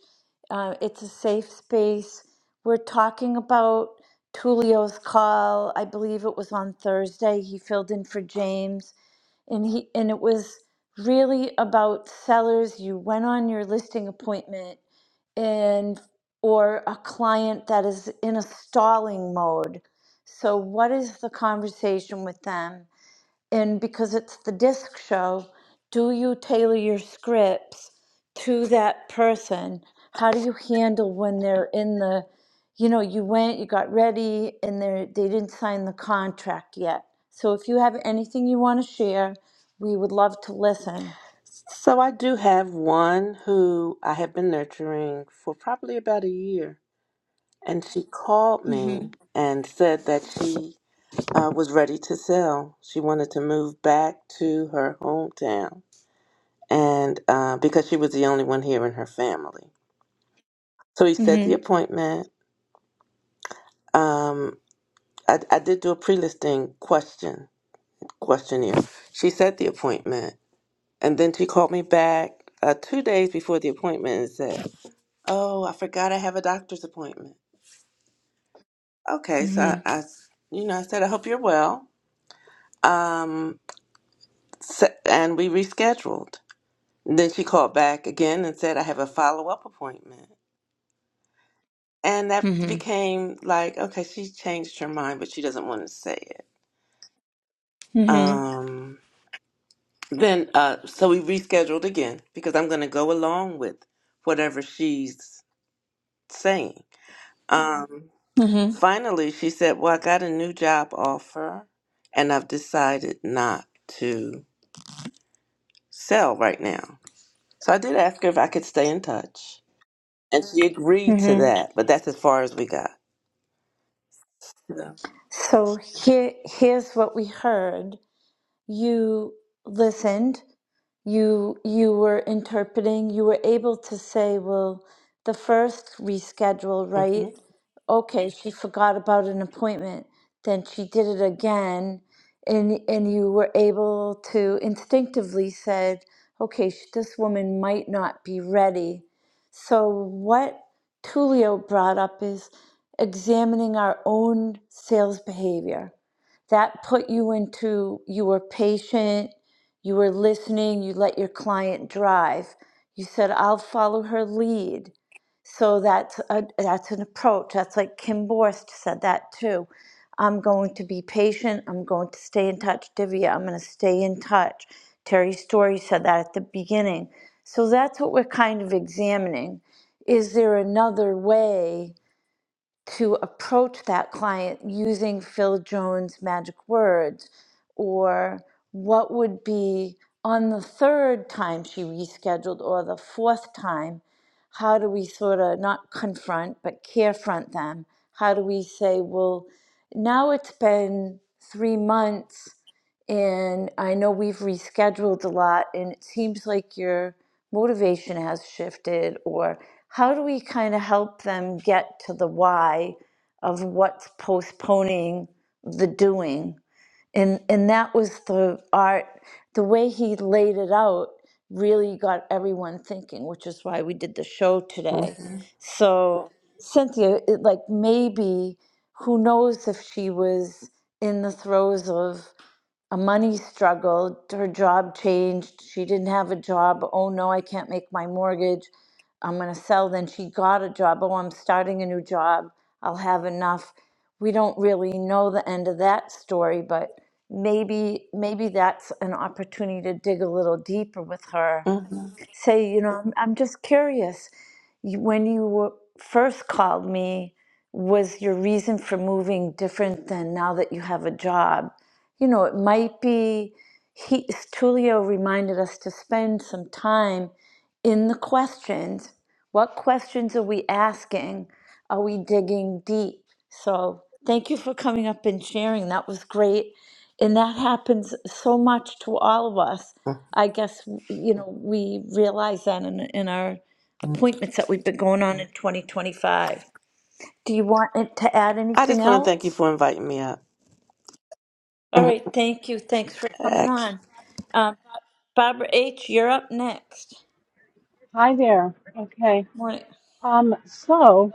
Uh, it's a safe space. We're talking about Tulio's call. I believe it was on Thursday. He filled in for James, and he and it was really about sellers. You went on your listing appointment, and or a client that is in a stalling mode. So, what is the conversation with them? and because it's the disc show, do you tailor your scripts to that person? How do you handle when they're in the, you know, you went, you got ready, and they they didn't sign the contract yet. So if you have anything you want to share, we would love to listen. so I do have one who I have been nurturing for probably about a year, and she called me Mhm. and said that she uh, was ready to sell. She wanted to move back to her hometown, and uh, because she was the only one here in her family, so we set the Mhm. appointment. Um, I, I did do a pre-listing question questionnaire. She set the appointment, and then she called me back uh, two days before the appointment and said, "Oh, I forgot I have a doctor's appointment." Okay, so I, Mhm. I s- you know, I said, "I hope you're well," um, s and we rescheduled. then she called back again and said, "I have a follow-up appointment," and that Mhm. became like, okay, she changed her mind, but she doesn't want to say it. Mhm. Um, Then, uh, so we rescheduled again because I'm going to go along with whatever she's saying. Um, Mhm. finally, she said, Well, I got a new job offer and I've decided not to sell right now. So I did ask her if I could stay in touch, and she agreed to Mhm. that, but that's as far as we got. Yeah. So here here's what we heard you listened you you were interpreting you were able to say well the first reschedule right hmm okay she forgot about an appointment then she did it again and and you were able to instinctively said okay sh- this woman might not be ready so what tulio brought up is examining our own sales behavior that put you into you were patient you were listening you let your client drive you said i'll follow her lead so that's a, that's an approach that's like kim borst said that too i'm going to be patient i'm going to stay in touch divya i'm going to stay in touch terry story said that at the beginning so that's what we're kind of examining is there another way to approach that client using Phil Jones' magic words? Or what would be on the third time she rescheduled or the fourth time? How do we sort of not confront but carefront them? How do we say, well, now it's been three months and I know we've rescheduled a lot and it seems like you're motivation has shifted or how do we kind of help them get to the why of what's postponing the doing and and that was the art the way he laid it out really got everyone thinking which is why we did the show today so cynthia it, like maybe who knows if she was in the throes of a money struggle. Her job changed. She didn't have a job. Oh no, I can't make my mortgage. I'm going to sell. Then she got a job. Oh, I'm starting a new job. I'll have enough. We don't really know the end of that story, but maybe maybe that's an opportunity to dig a little deeper with her hmm say, you know, I'm, I'm just curious. You- When you were, first called me, was your reason for moving different than now that you have a job? You know, it might be. He Tulio reminded us to spend some time in the questions. What questions are we asking? Are we digging deep? So thank you for coming up and sharing. That was great. And that happens so much to all of us. I guess, you know, we realize that in, in our appointments that we've been going on in 2025. Do you want it to add I anything just want to thank you else? for inviting me All up. right, thank you. Thanks for coming on. Um, Barbara H., you're up next. Hi there. Okay. Morning. Um, so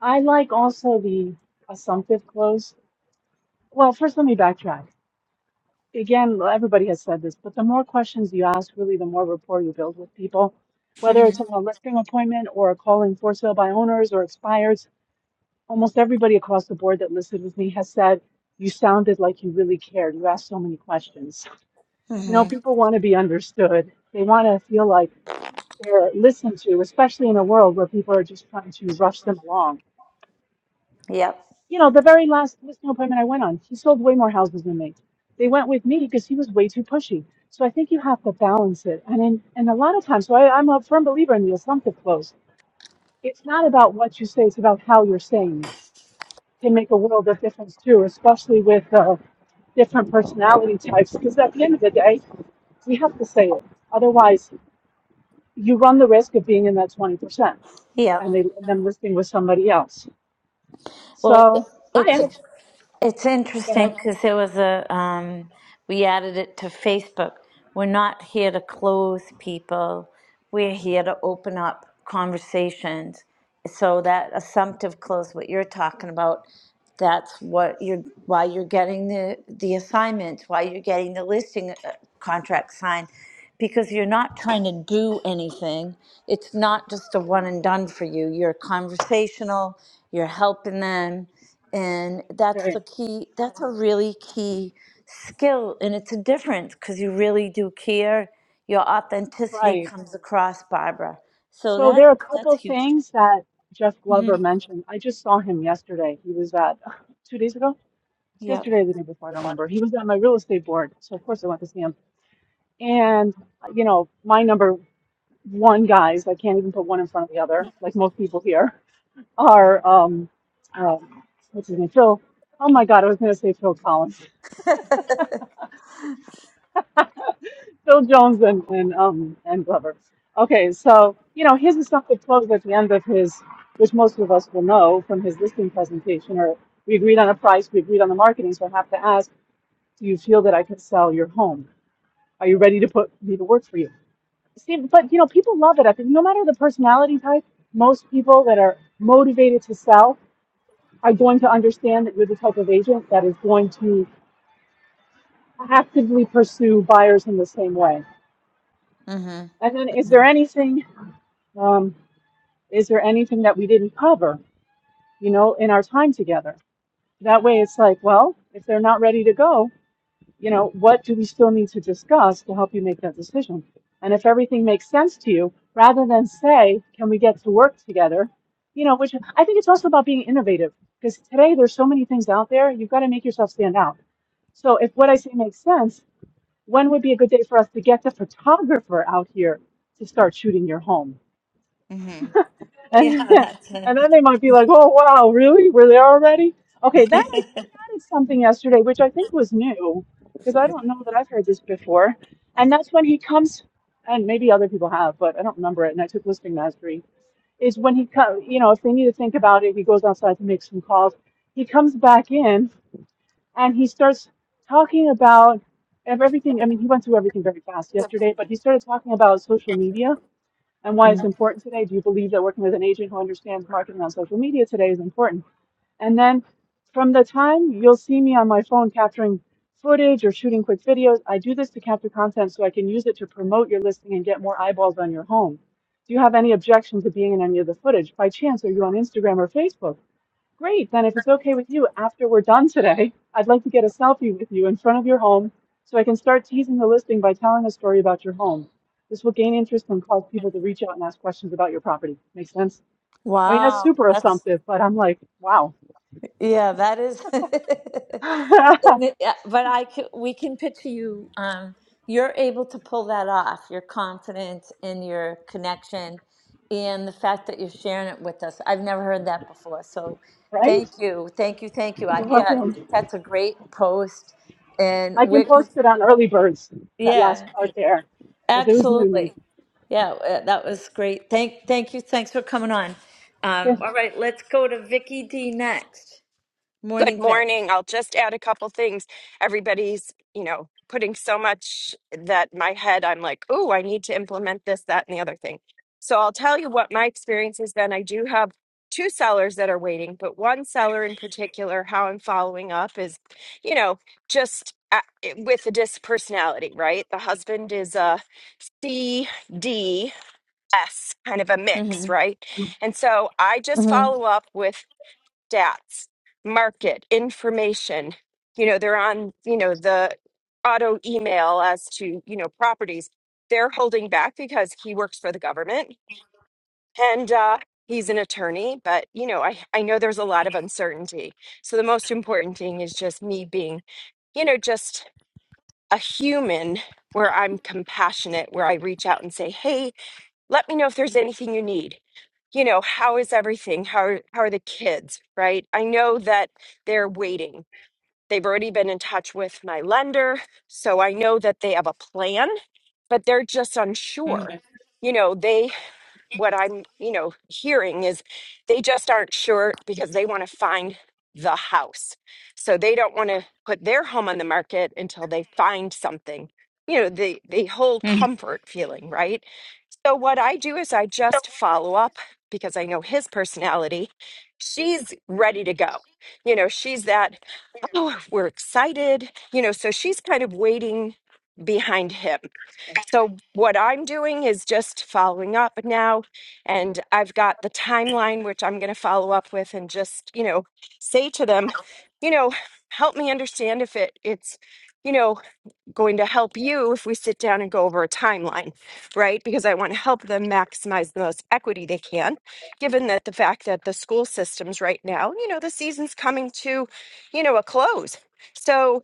I like also the assumptive close. Well, first let me backtrack. Again, everybody has said this, but the more questions you ask, really, the more rapport you build with people. Whether hmm it's on a listing appointment or a calling for sale by owners or expires, almost everybody across the board that listed with me has said you sounded like you really cared. You asked so many questions. You know, hmm people want to be understood. They want to feel like they're listened to, especially in a world where people are just trying to rush them along. Yep, You know, the very last listing appointment I went on, he sold way more houses than me. They went with me because he was way too pushy. So I think you have to balance it. And in, and a lot of times, so I, I'm a firm believer in the assumptive close. It's not about what you say, it's about how you're saying it. Can make a world of difference too, especially with uh, different personality types because at the end of the day, we have to say it. Otherwise, you run the risk of being in that 20%. yep. and they, them listening with somebody else. Well, So I it's actually, it's go interesting ahead, because there was a um, we added it to Facebook. We're not here to close people. We're here to open up conversations. So that assumptive close, what you're talking about, that's what you're why you're getting the the assignments why you're getting the listing uh, contract signed because you're not trying to do anything it's not just a one and done for you you're conversational you're helping them and that's the right, key that's a really key skill and it's a difference because you really do care your authenticity right. comes across barbara so So there that are a that's couple huge things that Jeff hmm Glover mentioned. I just saw him yesterday. He was at two days ago. It's yep yesterday or the day before. I don't remember. He was at my real estate board, so of course I went to see him. And you know, my number one guys, I can't even put one in front of the other, like most people here, are um, um what's his name, Phil. Oh my God, I was going to say Phil Collins. Phil Jones and, and um and Glover. Okay, so you know, here's the stuff that closed at the end of his, which most of us will know from his listing presentation, or we agreed on a price, we agreed on the marketing, so I have to ask, do you feel that I can sell your home? Are you ready to put me to work for you? See, but you know, people love it. I think no matter the personality type, most people that are motivated to sell are going to understand that you're the type of agent that is going to actively pursue buyers in the same way. hmm And then, is there anything? Um, Is there anything that we didn't cover, you know, in our time together? That way it's like, well, if they're not ready to go, you know, what do we still need to discuss to help you make that decision? And if everything makes sense to you, rather than say, can we get to work together? You know, which I think it's also about being innovative because today there's so many things out there, you've got to make yourself stand out. So if what I say makes sense, when would be a good day for us to get the photographer out here to start shooting your home? hmm Yeah, And, that's a and then they might be like, oh, wow, really? Were are there already? Okay, then I think he added something yesterday, which I think was new, because I don't know that I've heard this before. And that's when he comes, and maybe other people have, but I don't remember it. And I took listening mastery. Is when he comes, you know, if they need to think about it, he goes outside to make some calls. He comes back in and he starts talking about of everything. I mean, he went through everything very fast yesterday, but he started talking about social media and why it's Mm. important today. Do you believe that working with an agent who understands marketing on social media today is important? And then from the time you'll see me on my phone capturing footage or shooting quick videos, I do this to capture content so I can use it to promote your listing and get more eyeballs on your home. Do you have any objection to being in any of the footage? By chance, are you on Instagram or Facebook? Great. Then, if it's okay with you, after we're done today, I'd like to get a selfie with you in front of your home so I can start teasing the listing by telling a story about your home. This will gain interest and cause people to reach out and ask questions about your property. Makes sense? I mean, that's Wow, super that's assumptive, but I'm like, wow. yeah, that is. right? Yeah, but I can, we can picture you. Um, you're able to pull that off. Your confidence and your connection, and the fact that you're sharing it with us. I've never heard that before. So, thank you, thank you, thank you. I, You're yeah, I welcome. think that's a great post, and I can we're gonna- post it on Early Birds, that last yeah, part there, because it was new to absolutely. me. Yeah, uh, that was great. Thank, thank you. Thanks for coming on. Um, Sure. all right, let's go to Vicky D next. Good Morning, Vic. morning. I'll just add a couple things. Everybody's, you know, putting so much that my head, I'm like, oh, I need to implement this, that, and the other thing. So I'll tell you what my experience has been. I do have two sellers that are waiting, but one seller in particular, how I'm following up is, you know, just a- with the disc personality, right? The husband is a C, D, S, kind of a mix, Mm-hmm. right? And so I just follow up with stats, market information. You know, they're on, you know, the auto email as to, you know, properties. They're holding back because he works for the government and uh, he's an attorney. But, you know, I, I know there's a lot of uncertainty. So the most important thing is just me being, you know, just a human where I'm compassionate, where I reach out and say, hey, let me know if there's anything you need. You know, how is everything? How are, how are the kids, right? I know that they're waiting. They've already been in touch with my lender, so I know that they have a plan, but they're just unsure. You know, they what I'm, you know, hearing is they just aren't sure because they want to find the house. So they don't want to put their home on the market until they find something you know the the whole comfort feeling right so what I do is I just follow up because I know his personality. She's ready to go. You know, she's that, oh, we're excited. You know, so she's kind of waiting behind him. So what I'm doing is just following up now and I've got the timeline which I'm going to follow up with and just, you know, say to them, you know, help me understand if it it's, you know, going to help you if we sit down and go over a timeline, right? Because I want to help them maximize the most equity they can, given that the fact that the school systems right now, you know, the season's coming to, you know, a close. So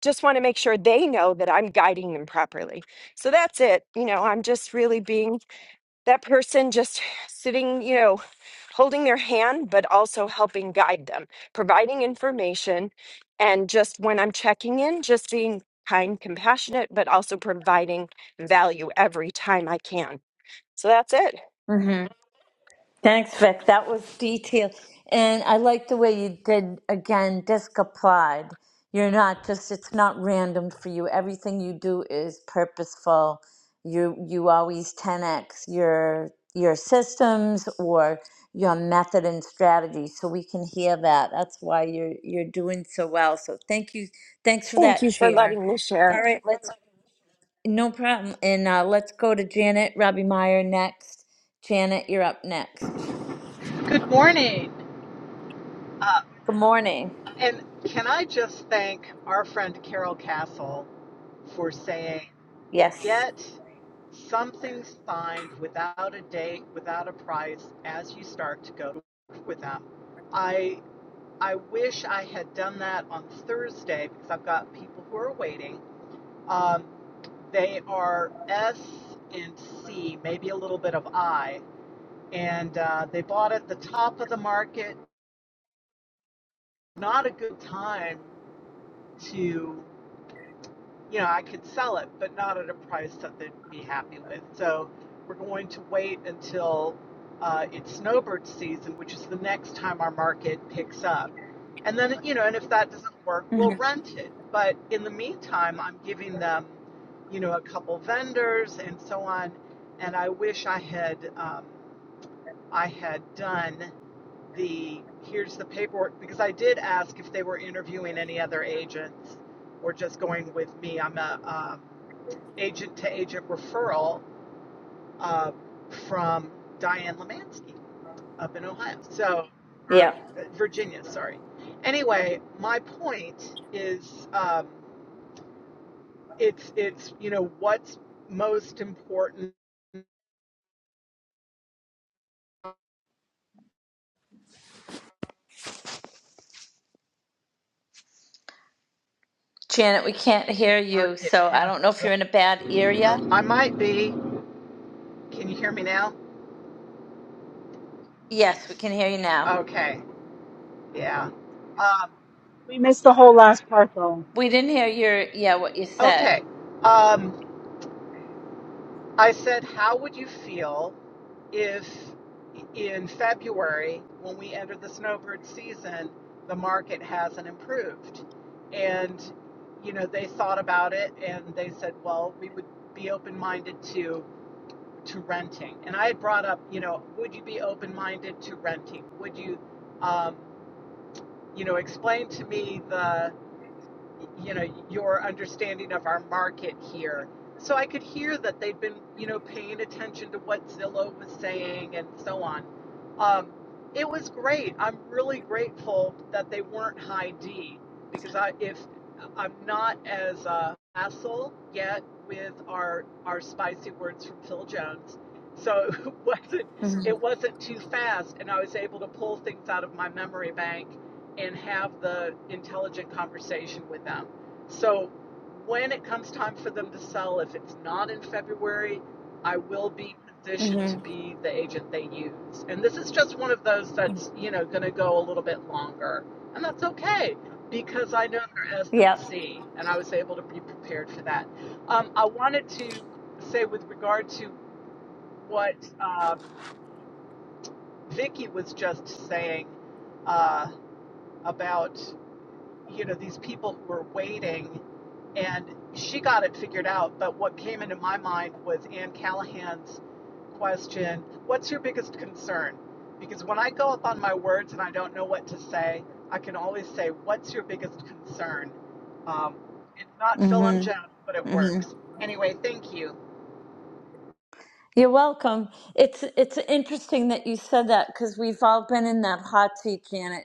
just want to make sure they know that I'm guiding them properly. So that's it. You know, I'm just really being that person just sitting, you know, holding their hand, but also helping guide them, providing information. And just when I'm checking in, just being kind, compassionate, but also providing value every time I can. So that's it. Mm-hmm. Thanks, Vic. That was detailed. And I like the way you did, again, disc applied. You're not just, it's not random for you. Everything you do is purposeful. You, you always 10x your, your systems or your method and strategy. So we can hear that. That's why you're, you're doing so well. So thank you. Thanks for Thank that, you for Chair. letting me share. All right, let's, no problem. And uh, let's go to Janet Robbie Meyer next. Janet, you're up next. Good morning. Uh, Good morning. and can I just thank our friend Carol Castle for saying, Yes. get something signed without a date, without a price, as you start to go to work with them. I, I wish I had done that on Thursday because I've got people who are waiting. Um, they are S and C, maybe a little bit of I, and uh, they bought at the top of the market. Not a good time to, you know, I could sell it, but not at a price that they'd be happy with. So we're going to wait until uh, it's snowbird season, which is the next time our market picks up. And then, you know, and if that doesn't work, we'll Mhm. rent it. But in the meantime, I'm giving them, you know, a couple vendors and so on. And I wish I had, um, I had done the here's the paperwork because I did ask if they were interviewing any other agents or just going with me. I'm a um, agent to agent referral uh, from Diane Lemansky up in Ohio, so or Yep. uh, Virginia, sorry. Anyway, my point is um, it's it's you know what's most important Janet, we can't hear you, market so I has. don't know if you're in a bad area. I might be. Can you hear me now? Yes, we can hear you now. Okay. Yeah. Uh, We missed the whole last part, though. We didn't hear your yeah what you Okay. said. Um, I said, how would you feel if in February, when we enter the snowbird season, the market hasn't improved? And, you know, they thought about it and they said, well, we would be open minded to to renting. And I had brought up, you know, would you be open minded to renting? Would you, um, you know, explain to me the you know your understanding of our market here so i could hear that they'd been you know paying attention to what zillow was saying and so on um, it was great i'm really grateful that they weren't high d because i if i'm not as uh, facile yet with our our spicy words from phil jones so it wasn't Mhm. it wasn't too fast and i was able to pull things out of my memory bank and have the intelligent conversation with them. So when it comes time for them to sell, if it's not in February, I will be positioned to Mhm. be the agent they use. And this is just one of those that's, you know, going to go a little bit longer. And that's okay because I know their S and Yep. C and I was able to be prepared for that. Um, I wanted to say with regard to what um, Vicky was just saying uh, about you know these people who were waiting and she got it figured out but what came into my mind was anne callahan's question what's your biggest concern because when i go up on my words and i don't know what to say i can always say what's your biggest concern um, it's not phil and Mhm. joan but it works anyway thank you You're welcome. It's it's interesting that you said that because we've all been in that hot seat, Janet,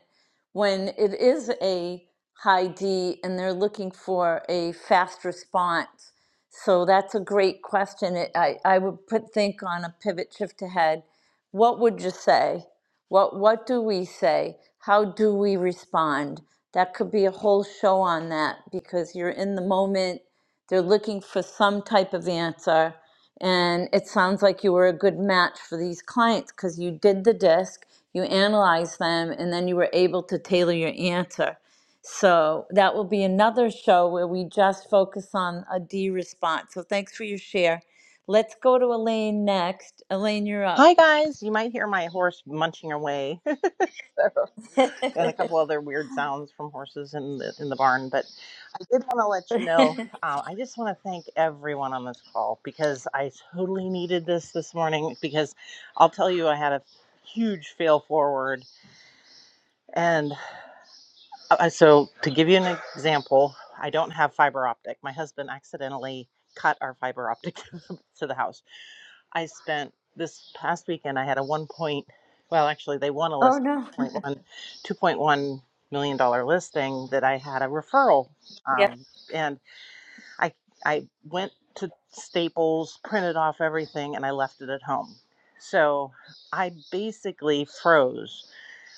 when it is a high D and they're looking for a fast response. So that's a great question. It, I I would put think on a pivot shift ahead. What would you say? What what do we say? How do we respond? That could be a whole show on that because you're in the moment. They're looking for some type of answer and it sounds like you were a good match for these clients because you did the disc, you analyzed them, and then you were able to tailor your answer. So that will be another show where we just focus on a D response. So thanks for your share. Let's go to Elaine next. Elaine, you're up. Hi guys, you might hear my horse munching away so, oh and a couple other weird sounds from horses in the in the barn. But I did want to let you know. Uh, I just want to thank everyone on this call because I totally needed this this morning. Because I'll tell you, I had a huge fail forward, and uh, uh, so to give you an example, I don't have fiber optic. My husband accidentally cut our fiber optic to the house I spent this past weekend, I had a one point, well, actually, they won a list, no. two point 0.1, $2.1 million dollar listing that I had a referral. Yeah. Um, and I, I went to Staples, printed off everything, and I left it at home. So I basically froze.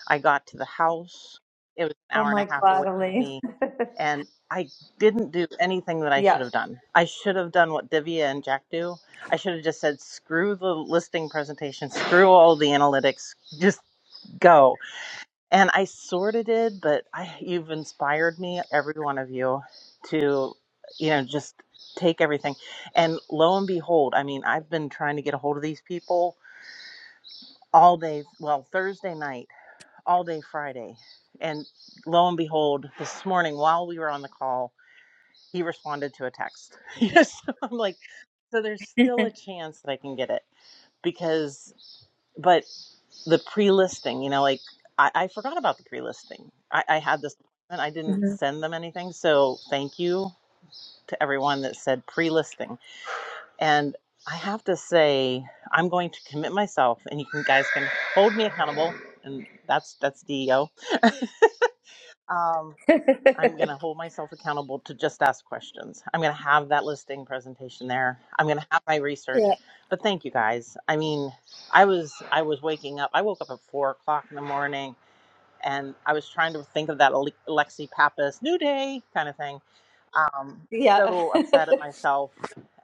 I got to the house. It was an Oh hour and a my half away God, from Elaine. me and I didn't do anything that I should yeah. have done. I should have done what Divya and Jack do. I should have just said, screw the listing presentation, screw all the analytics, just go. And I sort of did, but I, you've inspired me, every one of you, to, you know, just take everything. And lo and behold, I mean, I've been trying to get a hold of these people all day, well, Thursday night, all day Friday. And lo and behold, this morning while we were on the call, he responded to a text. yes, so I'm like, so there's still a chance that I can get it because, but the pre-listing, you know, like I, I forgot about the pre-listing. I, I had this and I didn't Mhm. send them anything. So thank you to everyone that said pre-listing. And I have to say, I'm going to commit myself, and you can guys can hold me accountable, and that's that's DEO. Um, I'm going to hold myself accountable to just ask questions. I'm going to have that listing presentation there. I'm going to have my research. yeah. But thank you guys. I mean, I was I was waking up. I woke up at four o'clock in the morning, and I was trying to think of that Ale- Alexi Pappas new day kind of thing um, Yeah. so upset at myself.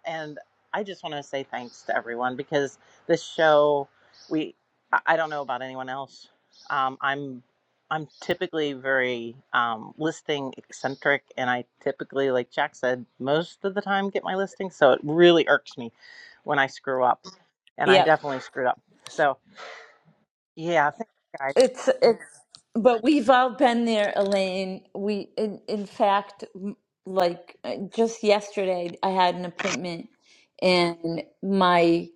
And I just want to say thanks to everyone because this show, we, I I don't know about anyone else. Um, I'm, I'm typically very um, listing eccentric, and I typically, like Jack said, most of the time get my listings. So it really irks me when I screw up, and I Yeah. definitely screwed up. So yeah, thanks guys. It's it's but we've all been there, Elaine. We in in fact m- like uh, just yesterday I had an appointment and my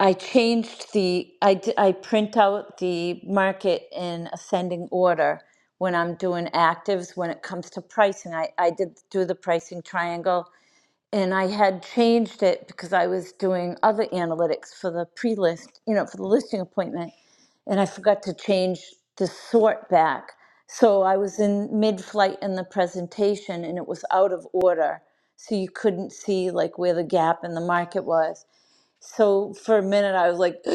I changed the I d- I print out the market in ascending order when I'm doing actives when it comes to pricing. I I did do the pricing triangle and I had changed it because I was doing other analytics for the pre-list, you know, for the listing appointment, and I forgot to change the sort back. So I was in mid-flight in the presentation and it was out of order. So you couldn't see like where the gap in the market was. So for a minute, I was like,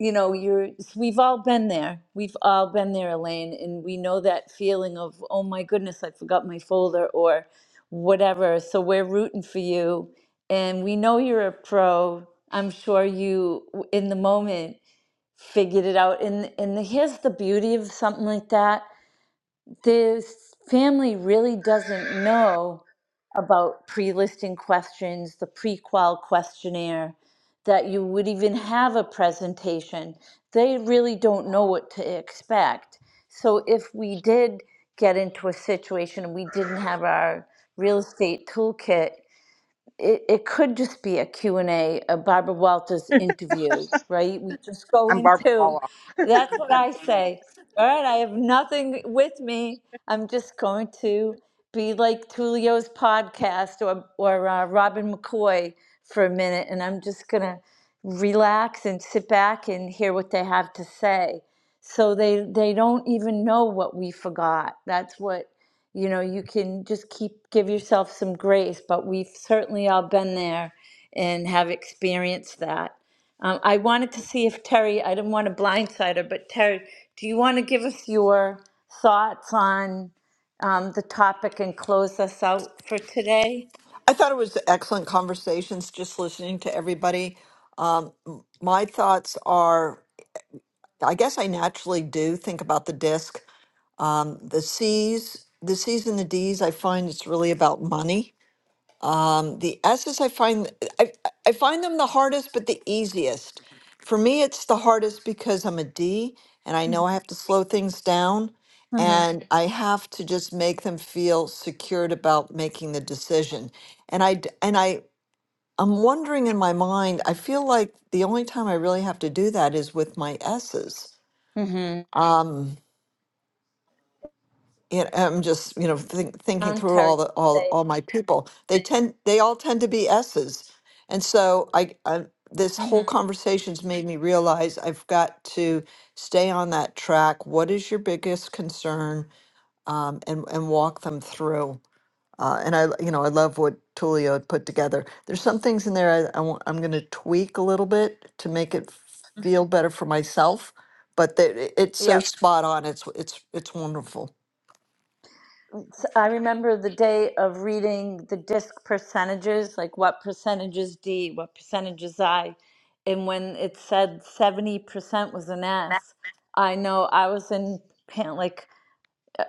you know, you're, we've all been there. We've all been there, Elaine. And we know that feeling of, oh my goodness, I forgot my folder or whatever. So we're rooting for you. And we know you're a pro. I'm sure you, w- in the moment, figured it out. And, and here's the beauty of something like that this family really doesn't know about pre-listing questions, the pre-qual questionnaire, that you would even have a presentation. They really don't know what to expect. So if we did get into a situation and we didn't have our real estate toolkit, it, it could just be a Q and a a barbara walters interview right we just go I'm Barbara into Walla. that's what i say all right i have nothing with me i'm just going to be like tulio's podcast or, or uh, robin mccoy for a minute and i'm just going to relax and sit back and hear what they have to say so they they don't even know what we forgot that's what you know you can just keep give yourself some grace but we've certainly all been there and have experienced that um, i wanted to see if terry i didn't want to blindside her but terry do you want to give us your thoughts on um, the topic and close us out for today I thought it was excellent conversations just listening to everybody. Um, m- my thoughts are I guess I naturally do think about the disc. Um, the C's, the C's and the D's, I find it's really about money. Um, the S's, I find I, I find them the hardest, but the easiest. For me, it's the hardest because I'm a D and I know I have to slow things down mm-hmm. and I have to just make them feel secured about making the decision. And I d- and I I'm wondering in my mind, I feel like the only time I really have to do that is with my S's. Mm-hmm. Um, you know, I'm just, you know, think, thinking through terry all the all today all my people. They tend they all tend to be S's. And so I, I this mm-hmm. whole conversation's made me realize I've got to stay on that track. What is your biggest concern? Um, and and walk them through. Uh, and I, you know, I love what Tulio had put together. There's some things in there I, I am going to tweak a little bit to make it feel better for myself, but that it- it's so Yep. spot on. It's it's it's wonderful. So, I remember the day of reading the disc percentages, like what percentage is D, what percentage is I. And when it said 70% was an S, I know I was in pant like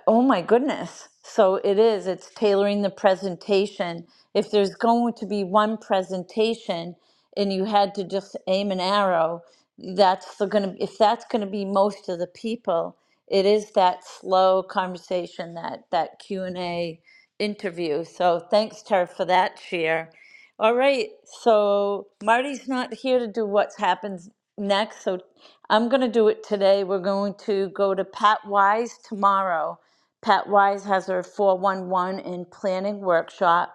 Oh my goodness. So it is, it's tailoring the presentation. If there's going to be one presentation and you had to just aim an arrow, that's the gonna, if that's gonna be most of the people, it is that slow conversation, that, that Q and A interview. So thanks, Tara, for that share. All right, so Marty's not here to do what happens next, so I'm gonna do it today. We're going to go to Pat Wise tomorrow Pat Wise has her 411 in planning workshop.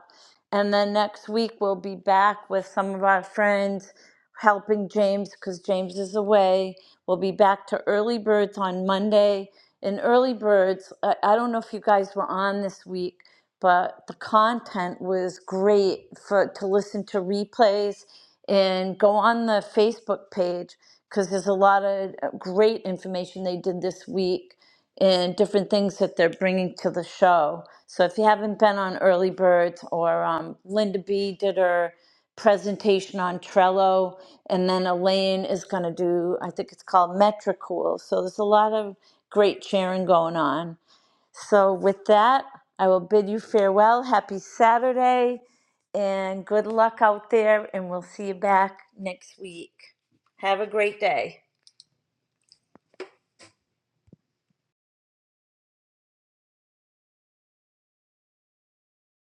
And then next week, we'll be back with some of our friends helping James because James is away. We'll be back to Early Birds on Monday. In Early Birds, I, I don't know if you guys were on this week, but the content was great for to listen to replays and go on the Facebook page because there's a lot of uh, great information they did this week and different things that they're bringing to the show. So if you haven't been on Early Birds or um, Linda B did her presentation on Trello, and then Elaine is going to do, I think it's called Metricool. So there's a lot of great sharing going on. So with that, I will bid you farewell. Happy Saturday and good luck out there, and we'll see you back next week. Have a great day.